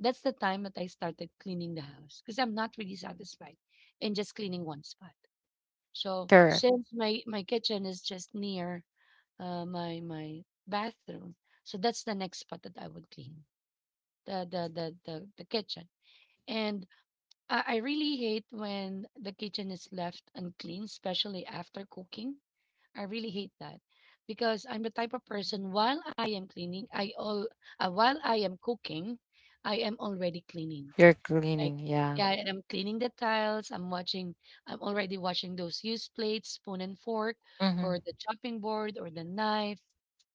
Speaker 2: that's the time that I started cleaning the house because I'm not really satisfied in just cleaning one spot. So
Speaker 1: correct.
Speaker 2: since my kitchen is just near my bathroom, so that's the next spot that I would clean, the kitchen. And I really hate when the kitchen is left unclean, especially after cooking. I really hate that because I'm the type of person while I am cleaning, I all while I am cooking, I am already cleaning.
Speaker 1: You're cleaning.
Speaker 2: Like,
Speaker 1: Yeah.
Speaker 2: yeah, and I'm cleaning the tiles. I'm watching. I'm already watching those used plates, spoon and fork,
Speaker 1: Mm-hmm.
Speaker 2: or the chopping board, or the knife,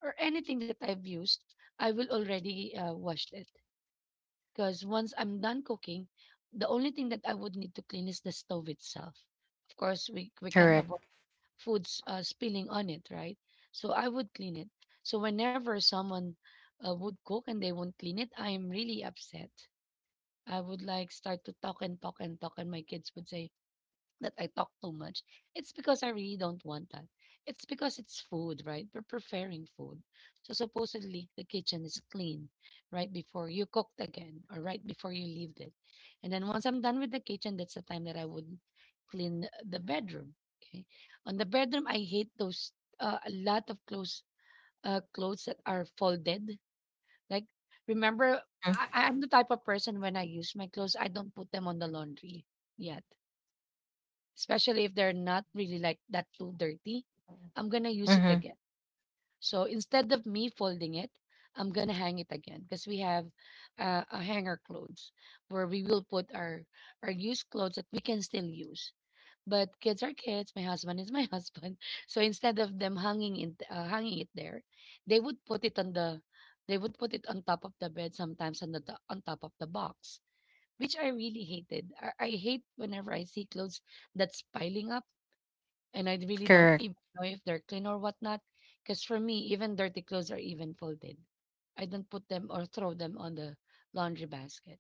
Speaker 2: or anything that I've used. I will already wash it because once I'm done cooking, the only thing that I would need to clean is the stove itself. Of course, we can't
Speaker 1: Correct.
Speaker 2: avoid foods spilling on it, right? So I would clean it. So whenever someone would cook and they won't clean it, I am really upset. I would like start to talk and talk and talk, and my kids would say that I talk too much. It's because I really don't want that. It's because it's food, right? We're preparing food. So supposedly the kitchen is clean right before you cooked again or right before you leave it. And then once I'm done with the kitchen, that's the time that I would clean the bedroom. Okay. On the bedroom, I hate those a lot of clothes clothes that are folded. Like remember, I'm the type of person when I use my clothes, I don't put them on the laundry yet, especially if they're not really like that too dirty, I'm gonna
Speaker 1: Mm-hmm.
Speaker 2: use
Speaker 1: Mm-hmm.
Speaker 2: it again. So instead of me folding it, I'm gonna hang it again because we have a hanger clothes where we will put our used clothes that we can still use. But kids are kids. My husband is my *laughs* husband. So instead of them hanging in hanging it there, they would put it on they would put it on top of the bed, sometimes on the on top of the box, which I really hated. I hate whenever I see clothes that's piling up, and I really
Speaker 1: Correct.
Speaker 2: don't even know if they're clean or whatnot. Because for me, even dirty clothes are even folded. I don't put them or throw them on the laundry basket.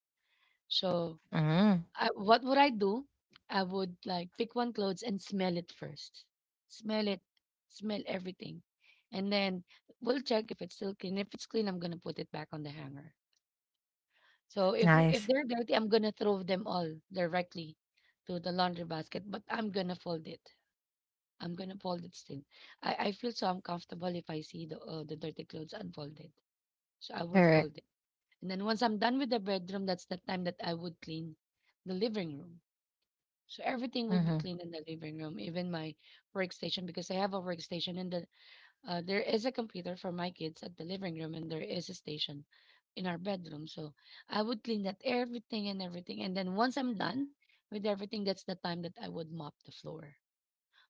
Speaker 2: So,
Speaker 1: Mm-hmm.
Speaker 2: I, what would I do? I would like pick one clothes and smell it first. Smell it, smell everything, and then we'll check if it's still clean. If it's clean, I'm gonna put it back on the hanger. So if
Speaker 1: Nice.
Speaker 2: they're dirty, I'm gonna throw them all directly to the laundry basket, but I'm gonna fold it. I'm gonna fold it still. I feel so uncomfortable if I see the dirty clothes unfolded. So I would
Speaker 1: Correct.
Speaker 2: fold it. And then once I'm done with the bedroom, that's the time that I would clean the living room. So everything will
Speaker 1: Mm-hmm.
Speaker 2: be clean in the living room, even my workstation, because I have a workstation and there is a computer for my kids at the living room, and there is a station in our bedroom. So I would clean that everything and everything. And then once I'm done with everything, that's the time that I would mop the floor,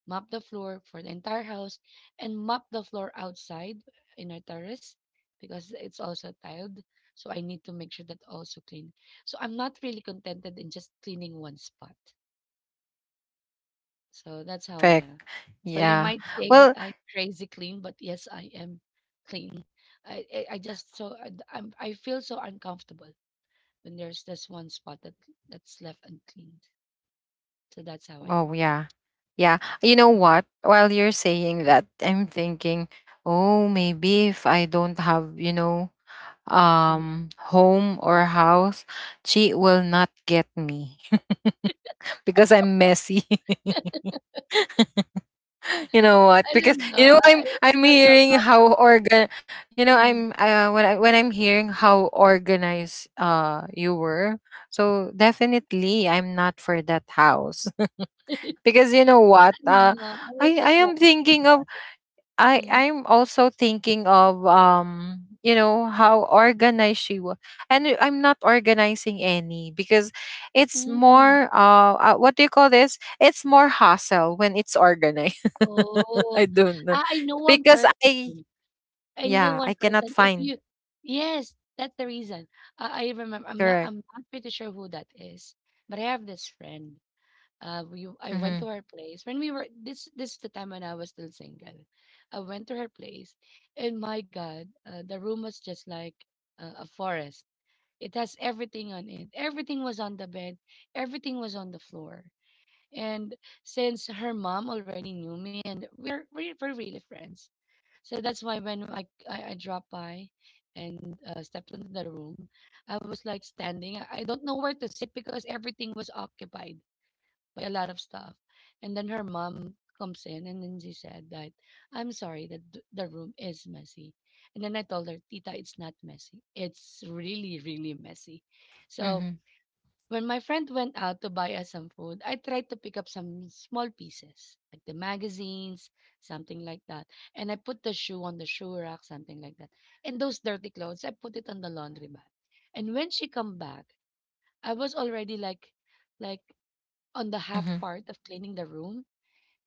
Speaker 2: mop the floor for the entire house, and mop the floor outside in our terrace because it's also tiled. So I need to make sure that also clean. So I'm not really contented in just cleaning one spot. So that's how I
Speaker 1: Perfect.
Speaker 2: am. So you
Speaker 1: Yeah.
Speaker 2: might say that
Speaker 1: Well,
Speaker 2: I'm crazy clean, but yes, I am clean. I just so I I feel so uncomfortable when there's this one spot that that's left uncleaned. So that's how I
Speaker 1: oh
Speaker 2: am.
Speaker 1: yeah. Yeah. You know
Speaker 2: Mm.
Speaker 1: what? While you're saying that, I'm thinking, oh, maybe if I don't have, you know, home or house, she will not get me *laughs* because I'm messy. *laughs* *laughs* You know what?
Speaker 2: I
Speaker 1: Because
Speaker 2: don't know.
Speaker 1: you know
Speaker 2: I I,
Speaker 1: I'm
Speaker 2: I
Speaker 1: I'm
Speaker 2: felt so
Speaker 1: hearing how organ— you know I'm
Speaker 2: comfortable.
Speaker 1: when I'm hearing how organized you were. So definitely I'm not for that house.
Speaker 2: No,
Speaker 1: Because you know what,
Speaker 2: *laughs* I
Speaker 1: i
Speaker 2: was
Speaker 1: i
Speaker 2: just
Speaker 1: am
Speaker 2: like that dun
Speaker 1: thinking
Speaker 2: sa
Speaker 1: of— i
Speaker 2: mhm,
Speaker 1: i'm also thinking of, you know, how organized she was, and I'm not organizing any, because it's
Speaker 2: hmm,
Speaker 1: more what do you call this, it's more hassle when it's organized. *laughs*
Speaker 2: oh.
Speaker 1: I don't know,
Speaker 2: Ah, I know one
Speaker 1: because I—
Speaker 2: person, I know
Speaker 1: yeah,
Speaker 2: one
Speaker 1: I
Speaker 2: person,
Speaker 1: cannot
Speaker 2: if you
Speaker 1: find.
Speaker 2: yes, that's the reason. I remember,
Speaker 1: Correct.
Speaker 2: I'm not pretty sure who that is, but I have this friend, we I went to
Speaker 1: Mm-hmm,
Speaker 2: her place when we were this is the time when I was still single. I went to her place, and my God, the room was just like, a forest. It has everything on it. Everything was on the bed, everything was on the floor. And since her mom already knew me, and we're really friends, so that's why when I dropped by and stepped into the room, I was like standing. I don't know where to sit because everything was occupied by a lot of stuff. And then her mom comes in, and then she said that I'm sorry that the room is messy. And then I told her, Tita, it's not messy. It's really really messy. So
Speaker 1: mm-hmm,
Speaker 2: when my friend went out to buy us some food, I tried to pick up some small pieces, like the magazines, something like that. And I put the shoe on the shoe rack, something like that. And those dirty clothes, I put it on the laundry bag. And when she come back, I was already like like on the
Speaker 1: mm-hmm,
Speaker 2: half part of cleaning the room.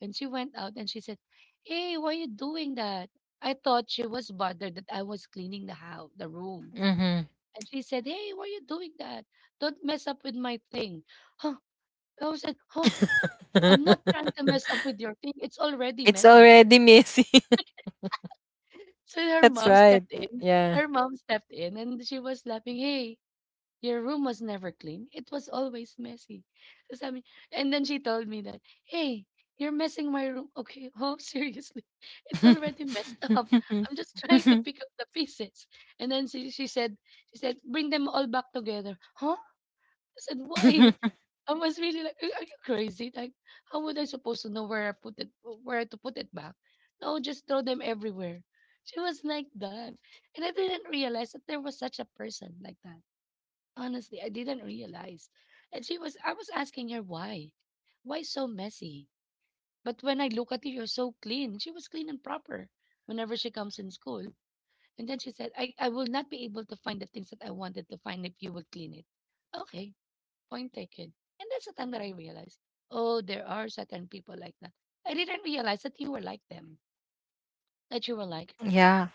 Speaker 2: And she went out and she said, Hey, why are you doing that? I thought she was bothered that I was cleaning the house, the room.
Speaker 1: mm-hmm.
Speaker 2: And she said, Hey, why are you doing that? Don't mess up with my thing. Huh? I was like, huh, I'm not trying to mess
Speaker 1: *laughs*
Speaker 2: up with your thing. It's already
Speaker 1: It's
Speaker 2: messy, girl.
Speaker 1: already messy.
Speaker 2: So
Speaker 1: *laughs*
Speaker 2: her
Speaker 1: That's
Speaker 2: mom
Speaker 1: right.
Speaker 2: stepped in.
Speaker 1: Yeah.
Speaker 2: Her mom stepped in and she was laughing, hey, your room was never clean. It was always messy. So sabi, and then she told me that, hey, you're messing my room. Okay, oh, *laughs* seriously. It's already messed *laughs* up.
Speaker 1: *laughs*
Speaker 2: I'm just trying to pick up the pieces. And then she said, she said, bring them all back together. Huh? I said, why? I was really like, are you crazy? Like, how would I supposed to know where I put it, where to put it back? No, just throw them everywhere. She was like that. And I didn't realize that there was such a person like that. Honestly, I didn't realize. And she was, I was asking her why. Why so messy? But when I look at you, you're so clean. She was clean and proper whenever she comes in school. And then she said, I will not be able to find the things that I wanted to find if you will clean it. Okay. Point taken. And that's the time that I realized, oh, there are certain people like that. I didn't realize that you were like them, that you were like her.
Speaker 1: Yeah.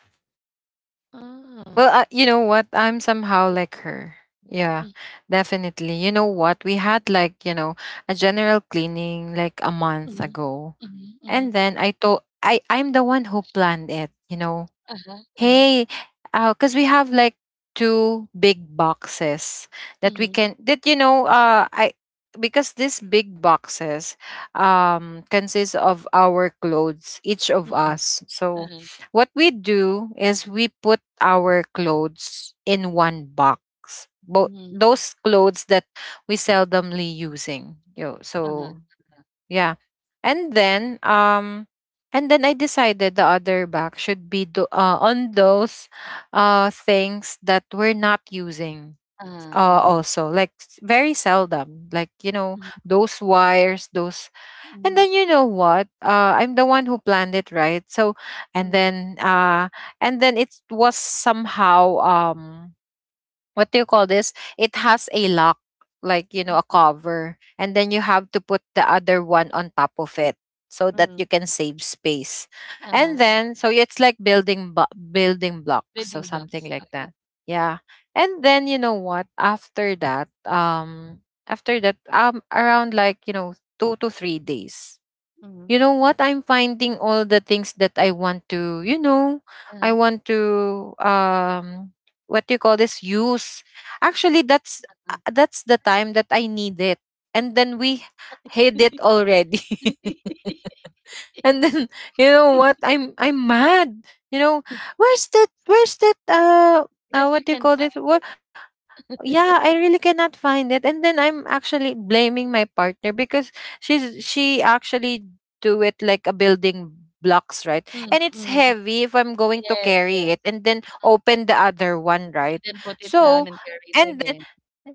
Speaker 2: Ah.
Speaker 1: Well, you know what? I'm somehow like her. Yeah,
Speaker 2: Mm-hmm.
Speaker 1: definitely. You know what? We had, like, you know, a general cleaning like a month
Speaker 2: Mm-hmm.
Speaker 1: ago.
Speaker 2: Mm-hmm.
Speaker 1: And then I told— I I'm the one who planned it, you know.
Speaker 2: Uh-huh. Uh-huh.
Speaker 1: Hey, because we have like two big boxes that we
Speaker 2: Mm-hmm.
Speaker 1: can that you know I because these big boxes consist of our clothes, each of
Speaker 2: Mm-hmm.
Speaker 1: us. So
Speaker 2: Uh-huh.
Speaker 1: what we do is we put our clothes in one box. Both
Speaker 2: Mm-hmm.
Speaker 1: those clothes that we seldomly using. You know,
Speaker 2: Uh-huh.
Speaker 1: so yeah. And then um and then I decided the other back should be do, on those things that we're not using,
Speaker 2: Uh-huh. Uh-huh.
Speaker 1: also, like very seldom, like, you know,
Speaker 2: Mm-hmm.
Speaker 1: those wires, those. And
Speaker 2: Mm-hmm.
Speaker 1: then you know what? I'm the one who planned it, right? So, and then, uh, and then it was somehow. What do you call this? It has a lock, like you know, a cover, and then you have to put the other one on top of it so that you
Speaker 2: Mm-hmm.
Speaker 1: can save space. And
Speaker 2: Uh-huh. Like
Speaker 1: then so it's like building blocks, so
Speaker 2: building
Speaker 1: something
Speaker 2: blocks.
Speaker 1: like
Speaker 2: Uh-huh.
Speaker 1: that. Yeah. And then you know what? After that, around like you know 2 to 3 days,
Speaker 2: Mm-hmm.
Speaker 1: you know what, I'm finding all the things that I want to, you know, I
Speaker 2: Uh-huh.
Speaker 1: want to what do you call this use, actually that's the time that I need it, and then we hid it
Speaker 2: Because
Speaker 1: already.
Speaker 2: *laughs*
Speaker 1: *laughs* And then you know what? I'm mad, you know, where's that
Speaker 2: you
Speaker 1: what do you
Speaker 2: can
Speaker 1: call this?
Speaker 2: find
Speaker 1: Yeah, I
Speaker 2: it.
Speaker 1: really cannot find it, and then I'm actually blaming my partner because she actually do it like a building blocks, right?
Speaker 2: *laughs* Mm,
Speaker 1: And it's
Speaker 2: mm.
Speaker 1: heavy if I'm going to
Speaker 2: Yes,
Speaker 1: carry
Speaker 2: yes.
Speaker 1: it and then open the other one,
Speaker 2: And
Speaker 1: right?
Speaker 2: then put it
Speaker 1: So
Speaker 2: down and carry it
Speaker 1: and then
Speaker 2: again.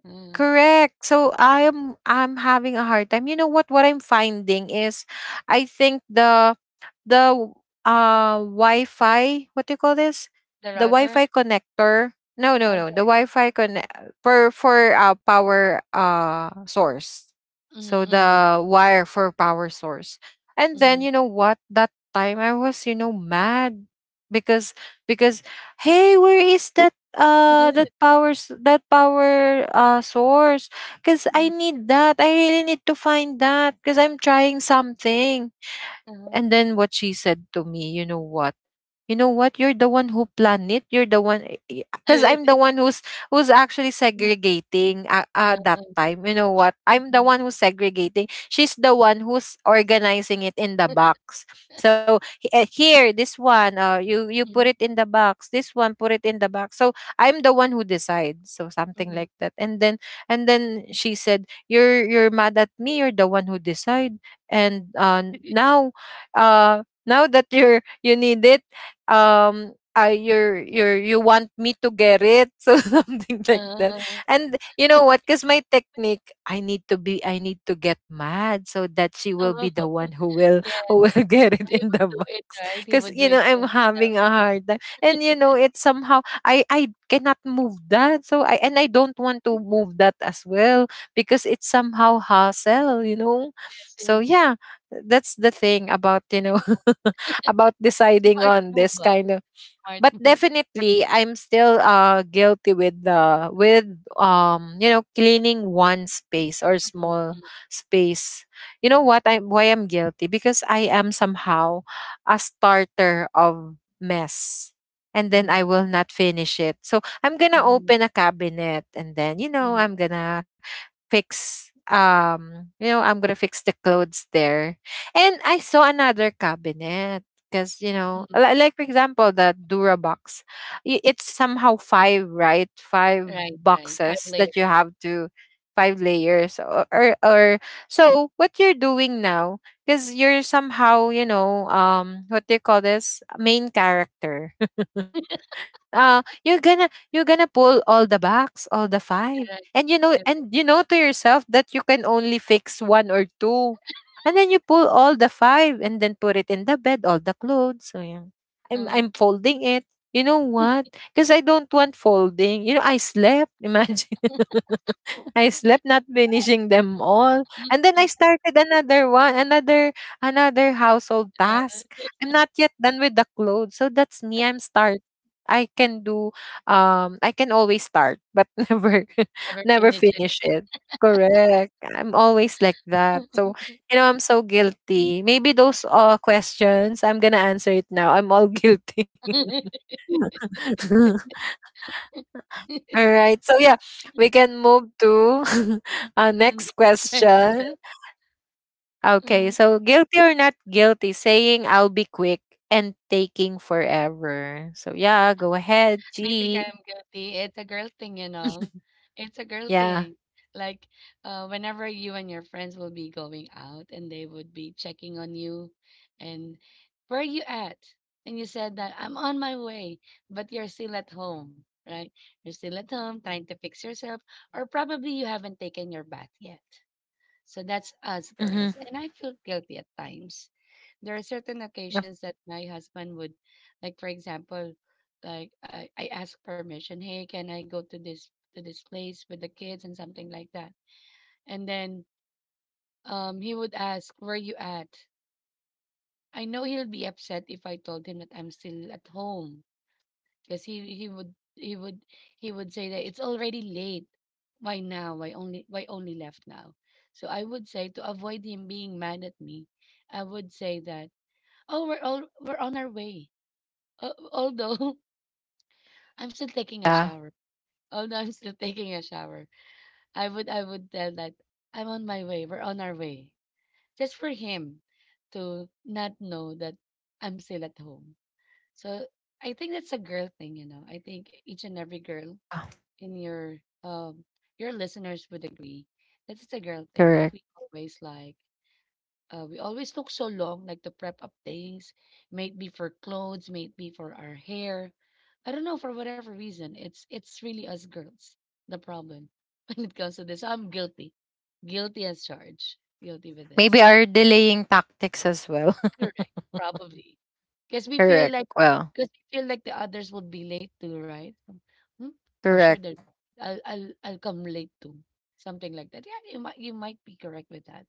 Speaker 2: Uh-huh.
Speaker 1: correct, so I'm having a hard time. You know what I'm finding is I think the Wi-Fi, what do you call this?
Speaker 2: The
Speaker 1: The
Speaker 2: router?
Speaker 1: Wi-Fi connector. No. The
Speaker 2: Okay.
Speaker 1: Wi-Fi connect for power source. So
Speaker 2: Mm,
Speaker 1: the wire for power source. And then
Speaker 2: mm,
Speaker 1: you know what? That time I was, you know, mad because because hey, where is that
Speaker 2: *laughs* mm.
Speaker 1: power source? Cuz I
Speaker 2: Mm,
Speaker 1: need that. I really need to find that cuz I'm trying something.
Speaker 2: uh-huh.
Speaker 1: And then what she said to me, you know what? You know what, you're the one who planned it, you're the one, because I'm
Speaker 2: *laughs*
Speaker 1: the one who's actually segregating,
Speaker 2: Uh,
Speaker 1: that
Speaker 2: uh,
Speaker 1: time, you know what, I'm the
Speaker 2: mhm.
Speaker 1: one who's segregating, she's the one who's organizing it in the
Speaker 2: *laughs*
Speaker 1: box. So here, this one, you put
Speaker 2: Mhm.
Speaker 1: it in the box, this one put it in the box. So I'm the one who decides, so something
Speaker 2: Mhm.
Speaker 1: like that. And then she said, you're mad at me, you're the one who decide. And
Speaker 2: *laughs*
Speaker 1: Now now that you need it, you're you want me to get it. *laughs* So something like that.
Speaker 2: Uh,
Speaker 1: And you know what, because my technique, I need to get mad so that she will be
Speaker 2: uh.
Speaker 1: the one
Speaker 2: *laughs*
Speaker 1: who will
Speaker 2: Yes.
Speaker 1: *laughs* get
Speaker 2: So
Speaker 1: it
Speaker 2: he
Speaker 1: in
Speaker 2: would
Speaker 1: the
Speaker 2: do it,
Speaker 1: box.
Speaker 2: right? He
Speaker 1: Because
Speaker 2: would
Speaker 1: you
Speaker 2: do
Speaker 1: know,
Speaker 2: it for
Speaker 1: I'm having
Speaker 2: himself.
Speaker 1: a hard time, and you know
Speaker 2: *laughs*
Speaker 1: it's somehow, I cannot move that, so I and I don't want to move that as well because it's somehow hassle, you know.
Speaker 2: Yes,
Speaker 1: So
Speaker 2: yes.
Speaker 1: yeah, that's the thing about, you know,
Speaker 2: Nice move.
Speaker 1: *laughs* about
Speaker 2: *laughs*
Speaker 1: deciding
Speaker 2: Smart
Speaker 1: on
Speaker 2: move,
Speaker 1: this
Speaker 2: ah.
Speaker 1: kind of.
Speaker 2: Smart
Speaker 1: But
Speaker 2: move.
Speaker 1: definitely I'm still guilty with the with you know, cleaning one space or
Speaker 2: Mhm,
Speaker 1: small space. You know what, I why I'm guilty, because I am somehow a starter of mess, and then I will not finish it. So I'm gonna
Speaker 2: mhm, mhm,
Speaker 1: open a cabinet, and then you know,
Speaker 2: mhm,
Speaker 1: I'm gonna fix you know, I'm gonna fix the clothes there, and I saw another cabinet. Because you know,
Speaker 2: mhm.
Speaker 1: like for example the durabox, it's somehow five, right? Five
Speaker 2: Right, right. Five
Speaker 1: boxes that you
Speaker 2: layers.
Speaker 1: have to, five layers or. So what you're doing now, because you're somehow, you know, what do you call this, main character. *laughs* You're gonna you're gonna pull all the backs, all the five.
Speaker 2: Correct,
Speaker 1: And you know,
Speaker 2: correct.
Speaker 1: to yourself that you can only fix one or two, and then you pull all the five and then put it in the bed all the clothes. So yeah, i'm
Speaker 2: Uh,
Speaker 1: i'm folding it, you know what, because I don't want folding. You know, I slept. *laughs* Imagine, I slept not finishing them all.
Speaker 2: mm,
Speaker 1: And then I
Speaker 2: mm.
Speaker 1: started another one, another household
Speaker 2: Uh,
Speaker 1: task.
Speaker 2: *laughs*
Speaker 1: I'm not yet done with the clothes. So that's me. I can do, I can always start but *laughs* never *laughs*
Speaker 2: never
Speaker 1: never
Speaker 2: finish
Speaker 1: finish it. Correct. I'm always like that. So,
Speaker 2: anything. *laughs*
Speaker 1: you know, I'm so guilty. Maybe those questions, I'm gonna answer it now. I'm all guilty.
Speaker 2: *laughs* The
Speaker 1: *laughs* All right. So yeah, we can move to *laughs* our
Speaker 2: next
Speaker 1: next
Speaker 2: question.
Speaker 1: question. Okay,
Speaker 2: Mm,
Speaker 1: so guilty or not guilty, saying I'll be quick and taking forever. So yeah, go ahead,
Speaker 2: I think
Speaker 1: G.
Speaker 2: I'm guilty. It's a girl thing, you know. It's a girl
Speaker 1: Yeah.
Speaker 2: thing. Like, whenever you and your friends will be going out and they would be checking on you and where are you at? And you said that I'm on my way, but you're still at home, right? You're still at home trying to fix yourself, or probably you haven't taken your bath yet. So that's us girls.
Speaker 1: Mm-hmm.
Speaker 2: And I feel guilty at times there are certain
Speaker 1: Yep.
Speaker 2: occasions that my husband would, like for example, like I ask permission, hey, can I go to this place with the kids and something like that, and then he would ask where you at. I know he'll be upset if I told him that I'm still at home, because he would he would say that it's already late. Why now, why only left now? So I would say, to avoid him being mad at me, I would say that, oh, we're on our way. Although *laughs* I'm still taking a
Speaker 1: Yeah.
Speaker 2: shower. Although I'm still *laughs* taking a shower. I would tell that I'm on my way. We're on our way. Just for him to not know that I'm still at home. So I think that's a girl thing, you know. I think each and every girl
Speaker 1: Ah.
Speaker 2: in your listeners would agree that it's a girl thing that
Speaker 1: Correct.
Speaker 2: we always like, uh, we always took so long, like to prep up things, may be for clothes, may be for our hair. I don't know for whatever reason. It's really us girls the problem *laughs* when it comes to this. I'm guilty, guilty as charged, guilty with
Speaker 1: Maybe
Speaker 2: this.
Speaker 1: our delaying tactics as well. *laughs*
Speaker 2: Correct, probably, because we feel
Speaker 1: Correct.
Speaker 2: like
Speaker 1: Well,
Speaker 2: the others would be late too, right? Hmm, For sure,
Speaker 1: correct.
Speaker 2: that I'll come late too, something like that. Yeah, you might be correct with that.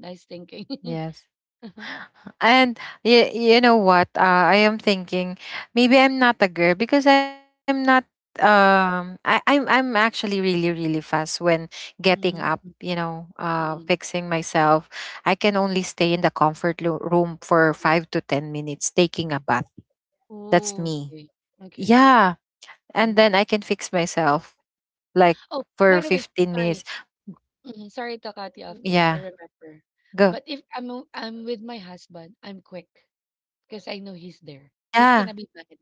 Speaker 2: Nice thinking. *laughs*
Speaker 1: Yes. And you know what? I am thinking maybe I'm not a girl because I'm not I'm actually really really fast when getting up, you
Speaker 2: Mm,
Speaker 1: know,
Speaker 2: mm.
Speaker 1: fixing myself. I can only stay in the comfort room for 5 to 10 minutes taking a bath. That's
Speaker 2: Oh,
Speaker 1: me.
Speaker 2: okay. Okay.
Speaker 1: Yeah. And
Speaker 2: Mm.
Speaker 1: then I can fix myself like
Speaker 2: Oh,
Speaker 1: for
Speaker 2: by the way,
Speaker 1: 15 minutes.
Speaker 2: sorry. Mhm, sorry to cut you off, Mitch. I
Speaker 1: Yeah.
Speaker 2: remember.
Speaker 1: Go.
Speaker 2: But if I'm with my husband, I'm quick because I know he's there. He's
Speaker 1: Yeah.
Speaker 2: gonna be mad.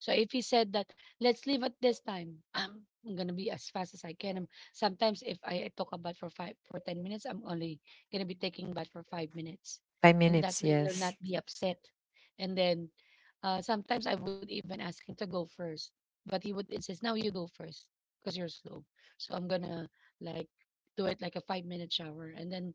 Speaker 2: So if he said that, let's leave at this time, *clears throat* I'm gonna be as fast as I can. Sometimes if I talk about for five for 10 minutes, I'm only gonna be taking bath for 5 minutes,
Speaker 1: 5
Speaker 2: and that way
Speaker 1: minutes.
Speaker 2: he'll not
Speaker 1: Yes.
Speaker 2: be upset. And then sometimes I would even ask him to go first, but he would insist, "No, you go first because you're slow." So I'm gonna like do it like a 5 minute shower, and then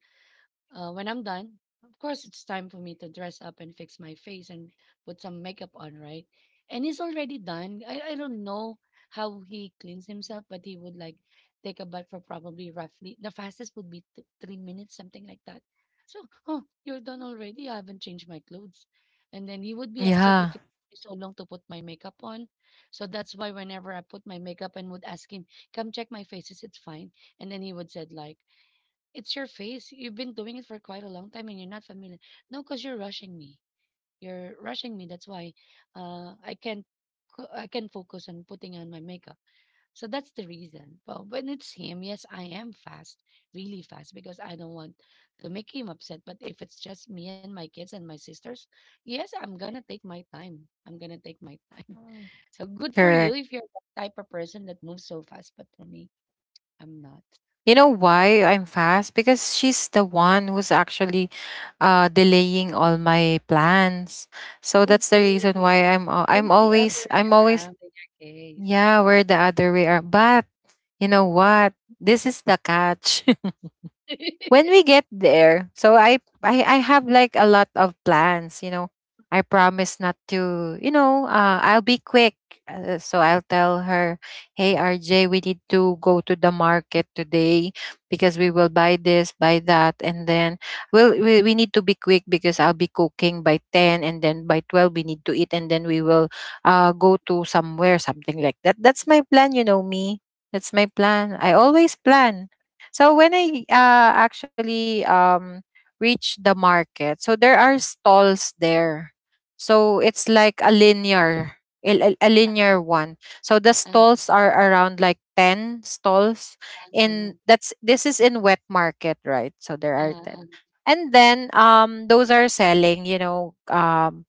Speaker 2: when I'm done, of course, it's time for me to dress up and fix my face and put some makeup on, right? And he's already done. I don't know how he cleans himself, but he would like take a bath for probably roughly the fastest would be 3 minutes, something like that. So, oh, you're done already. I haven't changed my clothes. And then he would be upset if it
Speaker 1: Yeah.
Speaker 2: took so long to put my makeup on. So that's why whenever I put my makeup and would ask him, come check my faces, it's fine. And then he would said like, it's your face. You've been doing it for quite a long time and you're not familiar. No, because you're rushing me. You're rushing me. That's why I can't I can not focus on putting on my makeup. So that's the reason. But when it's him, yes, I am fast, really fast, because I don't want to make him upset. But if it's just me and my kids and my sisters, yes, I'm gonna take my time. I'm gonna take my time. *laughs* So good for you if
Speaker 1: Correct.
Speaker 2: you're the type of person that moves so fast. But for me, I'm not.
Speaker 1: You know why I'm fast? Because she's the one who's actually delaying all my plans. So that's the
Speaker 2: Okay.
Speaker 1: reason why
Speaker 2: Well,
Speaker 1: I'm
Speaker 2: it's the other
Speaker 1: always I'm
Speaker 2: way
Speaker 1: always
Speaker 2: around in your case.
Speaker 1: yeah, we're the other way around. But you know what? This is the catch. *laughs*
Speaker 2: *laughs*
Speaker 1: When we get there, so I have like a lot of plans, you know. I promise not to, you know, I'll be quick. So I'll tell her, "Hey RJ, we need to go to the market today because we will buy this, buy that, and then we need to be quick because I'll be cooking by 10, and then by 12 we need to eat, and then we will go to somewhere, something like that." That's my plan,
Speaker 2: Mm.
Speaker 1: you know me. That's my plan. I always plan. So when I actually reached the market, so there are stalls there. So it's like a linear, a linear one. So the
Speaker 2: Uh-huh,
Speaker 1: stalls are around like 10 stalls
Speaker 2: uh-huh,
Speaker 1: in, that's, this is in wet market, right? So there
Speaker 2: uh
Speaker 1: are 10.
Speaker 2: uh, uh,
Speaker 1: And then those are selling, you know, um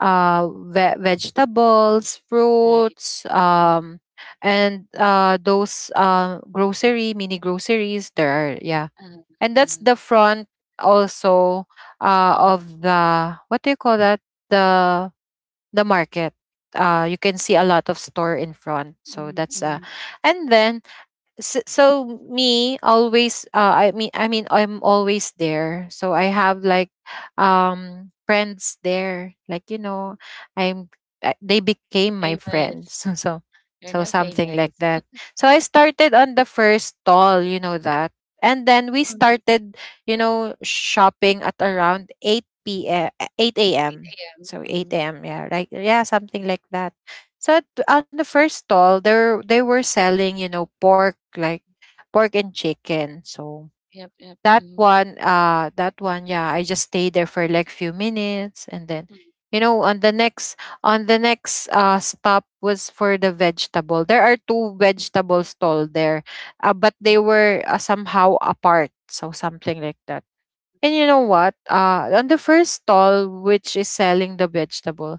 Speaker 1: uh, ve- vegetables,
Speaker 2: right.
Speaker 1: fruits,
Speaker 2: Mm,
Speaker 1: and those grocery mini groceries. There are, yeah,
Speaker 2: uh-huh,
Speaker 1: and that's
Speaker 2: uh-huh,
Speaker 1: the front also
Speaker 2: mm,
Speaker 1: of the what do you call that, the the market. You can see a lot of store in front. So
Speaker 2: mm,
Speaker 1: that's
Speaker 2: mm.
Speaker 1: and then so me always I mean I'm always there, so I have like friends there, like you know,
Speaker 2: Mm.
Speaker 1: i'm I, they became my friends. *laughs*
Speaker 2: Famous.
Speaker 1: So,
Speaker 2: You're
Speaker 1: so
Speaker 2: no
Speaker 1: something like
Speaker 2: famous.
Speaker 1: that.
Speaker 2: *laughs*
Speaker 1: So I started on the first stall, you know that, and then we
Speaker 2: Mm,
Speaker 1: started, you know, shopping at around 8 a.m.
Speaker 2: 8 a.m.
Speaker 1: so 8
Speaker 2: Mm,
Speaker 1: a.m yeah, like, yeah, something like that. So on the first stall there, they were selling, you know, pork, pork and chicken. So
Speaker 2: yep, yep.
Speaker 1: that
Speaker 2: Mm,
Speaker 1: one, yeah, I just stayed there for like few minutes, and then
Speaker 2: mm,
Speaker 1: you know, on the next stop was for the vegetable. There are two vegetable stall there, but they
Speaker 2: mm,
Speaker 1: were somehow apart, so something like that. And you know what, on the first stall which is selling the vegetable,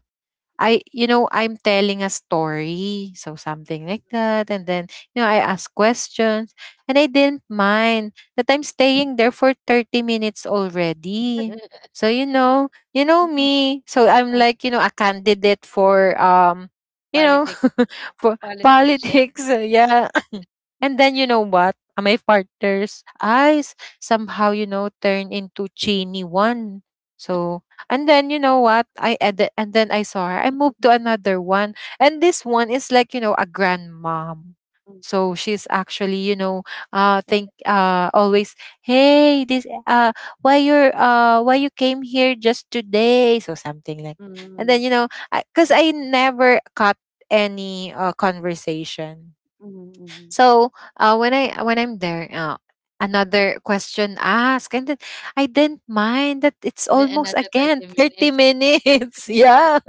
Speaker 2: mm.
Speaker 1: you know, I'm telling a story. So something like that. And then, you know, I ask questions, and I didn't mind that I'm staying there for 30 minutes already.
Speaker 2: *laughs*
Speaker 1: So, you know
Speaker 2: Mm, mm,
Speaker 1: me. So I'm
Speaker 2: uh,
Speaker 1: like, you know, a candidate for,
Speaker 2: *laughs*
Speaker 1: you know,
Speaker 2: politic,
Speaker 1: *laughs* for
Speaker 2: politician.
Speaker 1: politics. Uh, yeah. *coughs* And then you know what? My partner's eyes somehow, you know, turn into chiny one. So and then you know what? I edit, and then I saw her. I moved to
Speaker 2: Mm,
Speaker 1: another one. And this one is like, you know, a grandmom.
Speaker 2: mm,
Speaker 1: So she's actually, you know,
Speaker 2: uh,
Speaker 1: think always, hey, this why you're why you came here just today? So something like. And then you
Speaker 2: mm,
Speaker 1: know, 'cause I never cut any conversation.
Speaker 2: mm, mm.
Speaker 1: So when I'm there, another question asked, and then I didn't mind that it's
Speaker 2: Then
Speaker 1: almost
Speaker 2: another
Speaker 1: again
Speaker 2: 30
Speaker 1: thirty
Speaker 2: minutes.
Speaker 1: minutes. *laughs* Yeah,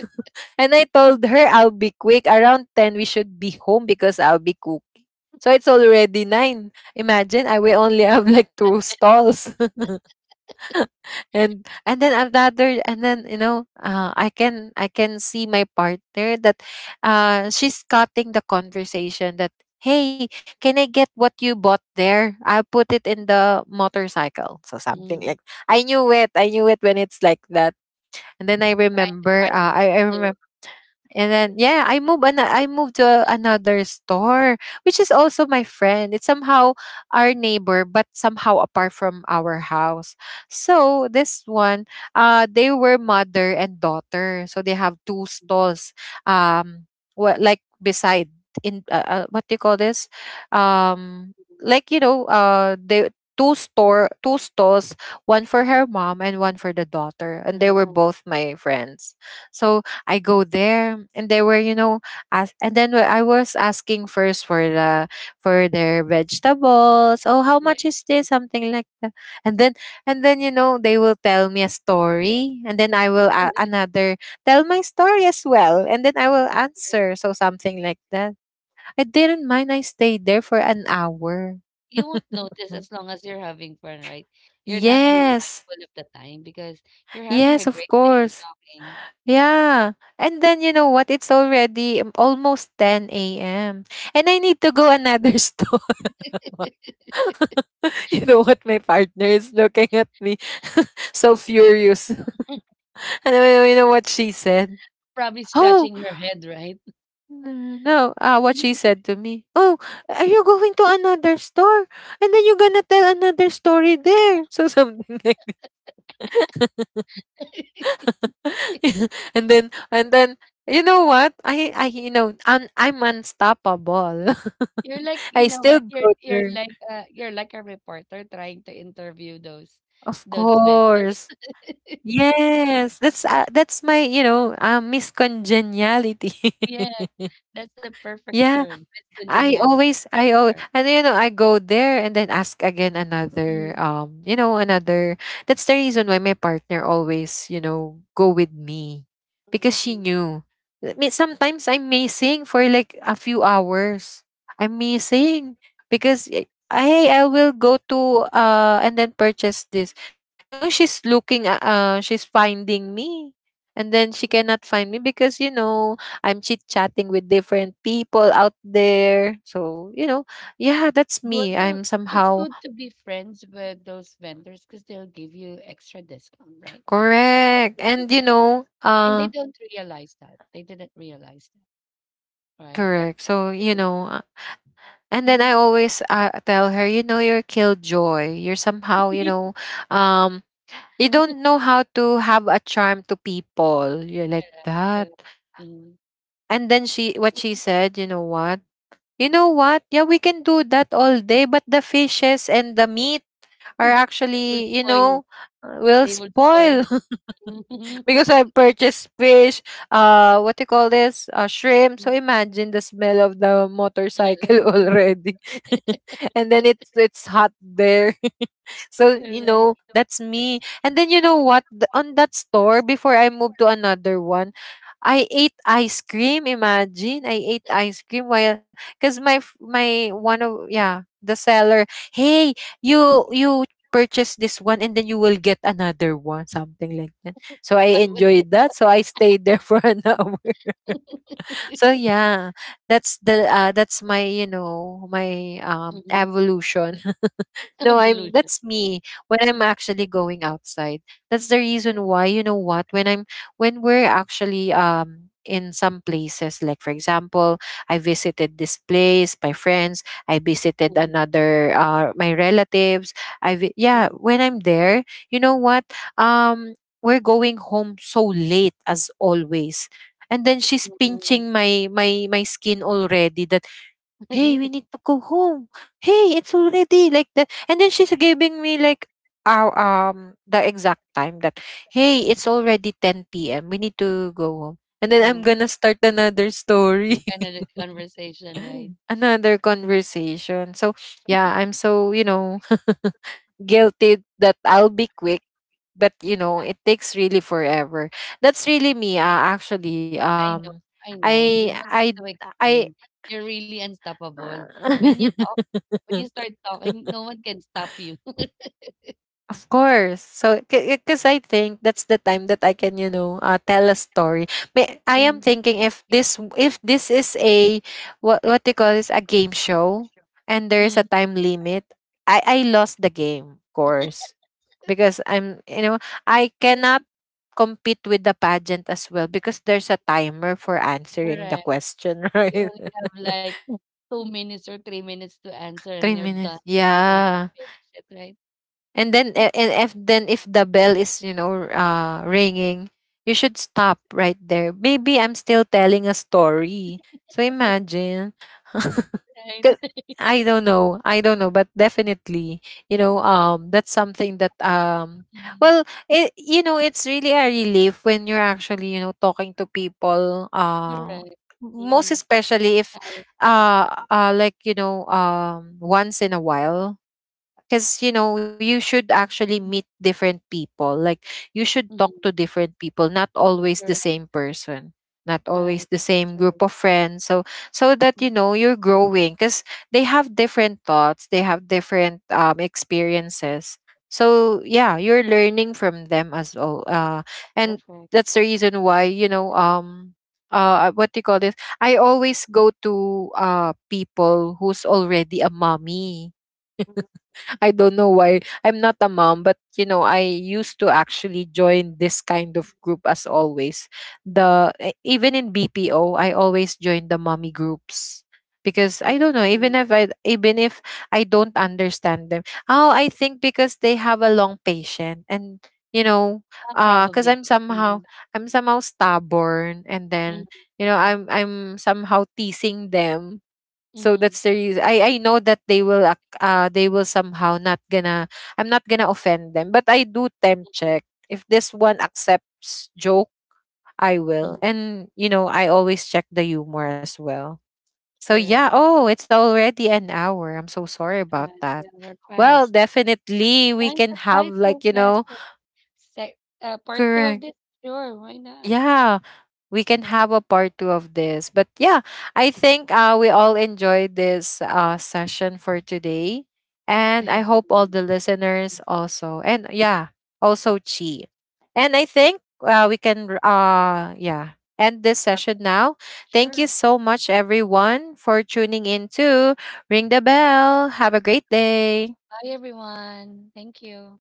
Speaker 1: *laughs* and I told her I'll be quick. Around 10, we should be home because I'll be cooking. So it's already 9. Imagine I will only have like two stalls and then another and then I can see my partner that she's cutting the conversation that, "Hey, can I get what you bought there? I'll put it in the motorcycle," so something
Speaker 2: Mm-hmm.
Speaker 1: like. I knew it when it's like that. And then I
Speaker 2: Try to
Speaker 1: remember,
Speaker 2: find
Speaker 1: uh,
Speaker 2: ways
Speaker 1: I, I
Speaker 2: to
Speaker 1: remember. And then yeah, I I moved to another store, which is also my friend. It's somehow our neighbor, but somehow apart from our house. So this one, they were mother and daughter, so they have two stalls. Um, what like beside in what do you call this? Um,
Speaker 2: improve.
Speaker 1: like they two stalls, one for her mom and one for the daughter, and they were
Speaker 2: Mhm.
Speaker 1: both my friends. So I go there and they were, you know, as. And then I was asking first for the for their vegetables. Oh, how
Speaker 2: Right.
Speaker 1: much is this? Something like that. And then and then you know they will tell me a story, and then I will a
Speaker 2: *laughs*
Speaker 1: another tell my story as well, and then I will
Speaker 2: Of course.
Speaker 1: answer. So something like that. I didn't mind. I stayed there for an hour.
Speaker 2: You won't
Speaker 1: *laughs*
Speaker 2: notice as long as you're having fun, right? You're not being
Speaker 1: yes.
Speaker 2: mindful of the time because you're having
Speaker 1: Yes,
Speaker 2: a
Speaker 1: of
Speaker 2: great day
Speaker 1: course.
Speaker 2: talking.
Speaker 1: Yeah. And then you know what? It's already almost 10 a.m. And I need to go another *laughs* store.
Speaker 2: *laughs*
Speaker 1: *laughs* you know what? My partner is looking at me *laughs* so furious. *laughs* and then you know what she said?
Speaker 2: Probably
Speaker 1: Oh,
Speaker 2: scratching her head, right?
Speaker 1: no. Ah, what she said to me. Oh, are you going to another store? And then you're gonna tell another story there. So something like. *laughs* *laughs* And then you know what? I you know un, I'm unstoppable.
Speaker 2: You're like,
Speaker 1: *laughs*
Speaker 2: you
Speaker 1: I
Speaker 2: know
Speaker 1: still
Speaker 2: what? You're
Speaker 1: go
Speaker 2: you're
Speaker 1: there.
Speaker 2: like you're like a reporter trying to interview
Speaker 1: Of
Speaker 2: those vendors.
Speaker 1: course.
Speaker 2: *laughs*
Speaker 1: Yes, that's my you know miscongeniality. *laughs*
Speaker 2: Yes, that's the perfect
Speaker 1: yeah,
Speaker 2: term. It's congeniality. You
Speaker 1: I always,
Speaker 2: are.
Speaker 1: and you know I go there and then ask again another
Speaker 2: Mm.
Speaker 1: you know another. That's the reason why my partner always you know go with me because she
Speaker 2: Mhm.
Speaker 1: knew. I mean, sometimes I'm missing for like a few hours. I'm missing because eh, I hey, I will go to and then purchase this. You know, she's she's finding me, and then she cannot find me because you know I'm chit chatting with different people out there. So, you know, yeah, that's
Speaker 2: Good
Speaker 1: me.
Speaker 2: to
Speaker 1: I'm
Speaker 2: It's
Speaker 1: somehow
Speaker 2: good to be friends with those vendors because they'll give you extra discount, right? Sometimes
Speaker 1: correct.
Speaker 2: they give
Speaker 1: And, you
Speaker 2: you free discount.
Speaker 1: know,
Speaker 2: And they don't realize that. They didn't realize that, right? The
Speaker 1: correct. So, you
Speaker 2: person.
Speaker 1: know, and then
Speaker 2: Mhm.
Speaker 1: I always tell her, you know, you're killjoy. You're somehow, you know,
Speaker 2: *laughs*
Speaker 1: um, you don't know how to have a charm to people. You're like
Speaker 2: Correct,
Speaker 1: that.
Speaker 2: correct. Mhm.
Speaker 1: And then she, what she said, you know what? You know what? Yeah, we can do that all day, but the fishes and the meat are
Speaker 2: *laughs* Will
Speaker 1: actually, you
Speaker 2: spoil.
Speaker 1: know, will
Speaker 2: They will spoil.
Speaker 1: spoil *laughs*
Speaker 2: *laughs*
Speaker 1: because I purchased fish, what do you call this? Shrimp. So imagine the smell of the motorcycle *laughs*
Speaker 2: Uh-uh.
Speaker 1: already.
Speaker 2: *laughs*
Speaker 1: *laughs* and then it's hot there. *laughs* so,
Speaker 2: Correct.
Speaker 1: you know,
Speaker 2: So
Speaker 1: that's me.
Speaker 2: that's
Speaker 1: And then you know
Speaker 2: and then
Speaker 1: what?
Speaker 2: you know
Speaker 1: On that store
Speaker 2: that's the
Speaker 1: before
Speaker 2: word
Speaker 1: I
Speaker 2: before.
Speaker 1: moved to
Speaker 2: *laughs*
Speaker 1: another one, I ate ice cream. Imagine I ate ice cream while because my one of yeah the seller. Hey, you purchase this one and then you will get another one, something like that. So I
Speaker 2: I would think.
Speaker 1: enjoyed that. So I stayed there *laughs* for an hour. So
Speaker 2: *laughs*
Speaker 1: yeah, that's the that's my you know my
Speaker 2: Mhm.
Speaker 1: evolution. No, I'm
Speaker 2: Evolution.
Speaker 1: that's me when I'm
Speaker 2: Mhm.
Speaker 1: actually going outside. That's the
Speaker 2: That's the
Speaker 1: reason why, you know what, when we're actually in some places, like for example, I visited this place, my friends, I visited
Speaker 2: word.
Speaker 1: another my relatives. Yeah,
Speaker 2: Mhm.
Speaker 1: when I'm there, you know what? Um we're going home so late as always. And then she's
Speaker 2: Mm.
Speaker 1: pinching my skin already. The, "Hey, we need
Speaker 2: *laughs*
Speaker 1: to go home. Hey, it's already like that." And then she's giving me like our the exact time that, "Hey, it's already 10 p.m. We need to go home." And then I'm
Speaker 2: Oh,
Speaker 1: gonna start another story,
Speaker 2: another conversation, right?
Speaker 1: *laughs* another conversation. So yeah, I'm so you know *laughs* guilty that I'll be quick, but you know
Speaker 2: Yeah,
Speaker 1: it takes really forever. That's really me. Actually,
Speaker 2: I know, I know. You
Speaker 1: I
Speaker 2: don't need
Speaker 1: I
Speaker 2: to
Speaker 1: I.
Speaker 2: explain. You're really unstoppable. When you talk, when you
Speaker 1: *laughs*
Speaker 2: start talking, no one can stop you. *laughs*
Speaker 1: Of course. So, because I think that's the time that I can, you know, tell a story. May, I
Speaker 2: Mm,
Speaker 1: am thinking if this is a what they call this, a game show, and there is
Speaker 2: mm,
Speaker 1: a time limit. I lost the game, of course, because I'm you know I cannot compete with the pageant as well because there's a timer for answering the
Speaker 2: correct.
Speaker 1: question, *laughs*
Speaker 2: You
Speaker 1: right?
Speaker 2: only have like 2 minutes or 3 minutes to answer, and
Speaker 1: Three
Speaker 2: you're done
Speaker 1: minutes.
Speaker 2: if you won't
Speaker 1: Yeah.
Speaker 2: finish it, right?
Speaker 1: And then and if the bell is you know ringing, you should stop right there. Maybe I'm still telling a story, so
Speaker 2: *laughs*
Speaker 1: imagine. *laughs* 'Cause
Speaker 2: Right.
Speaker 1: I don't know, but definitely you know that's something that
Speaker 2: Mhm.
Speaker 1: well it, you know, it's really a relief when you're actually you know talking to people,
Speaker 2: Correct. Mm.
Speaker 1: most especially
Speaker 2: I
Speaker 1: if
Speaker 2: agree.
Speaker 1: like you know once in a while. Because you know you should actually meet different people, like you should talk
Speaker 2: Mhm.
Speaker 1: to different people, not always
Speaker 2: Correct.
Speaker 1: the same person, not
Speaker 2: Right.
Speaker 1: always the
Speaker 2: That's
Speaker 1: same
Speaker 2: right.
Speaker 1: group of friends. So so that
Speaker 2: Mm,
Speaker 1: you know you're growing because they have different thoughts, they have different experiences.
Speaker 2: mm,
Speaker 1: So yeah, you're learning from them as well. Uh, and
Speaker 2: perfect.
Speaker 1: that's the reason why you know what do you call this, I always go to people who's already a mommy.
Speaker 2: Mhm.
Speaker 1: *laughs* I don't know why. I'm not a mom, but you know, I used to actually join this kind of group as always. Even in BPO, I always join the mommy groups because I don't know,
Speaker 2: Okay.
Speaker 1: even if I don't understand them. Oh, I think because they have a long patient and you know,
Speaker 2: Probably.
Speaker 1: cause
Speaker 2: Mhm.
Speaker 1: I'm somehow stubborn, and
Speaker 2: Mhm.
Speaker 1: then you know
Speaker 2: Mhm.
Speaker 1: I'm somehow teasing them. So
Speaker 2: Mhm.
Speaker 1: that's the reason. I know that they will they will somehow not gonna, I'm not gonna offend them, but I do temp check. If this one accepts joke, I
Speaker 2: Mhm.
Speaker 1: will. And you know, I always check the humor as well. So
Speaker 2: Correct.
Speaker 1: yeah, oh, it's already an hour. I'm so sorry
Speaker 2: Uh,
Speaker 1: about
Speaker 2: yeah,
Speaker 1: that.
Speaker 2: we're fast.
Speaker 1: Well, definitely we
Speaker 2: Time
Speaker 1: can
Speaker 2: applied
Speaker 1: have
Speaker 2: so
Speaker 1: like, you
Speaker 2: fast,
Speaker 1: know,
Speaker 2: right? Uh, part two of
Speaker 1: correct.
Speaker 2: this? Sure, why not?
Speaker 1: Yeah. We can have a part two of this. But yeah, I think we all enjoyed this session for today.
Speaker 2: I
Speaker 1: And
Speaker 2: had
Speaker 1: I hope
Speaker 2: fun.
Speaker 1: all the listeners also. And yeah, also Chi. And I think yeah, end this session now. Thank you
Speaker 2: Sure.
Speaker 1: so much, everyone, for tuning in to Ring the Bell. Have a great day.
Speaker 2: Bye, everyone. Thank you.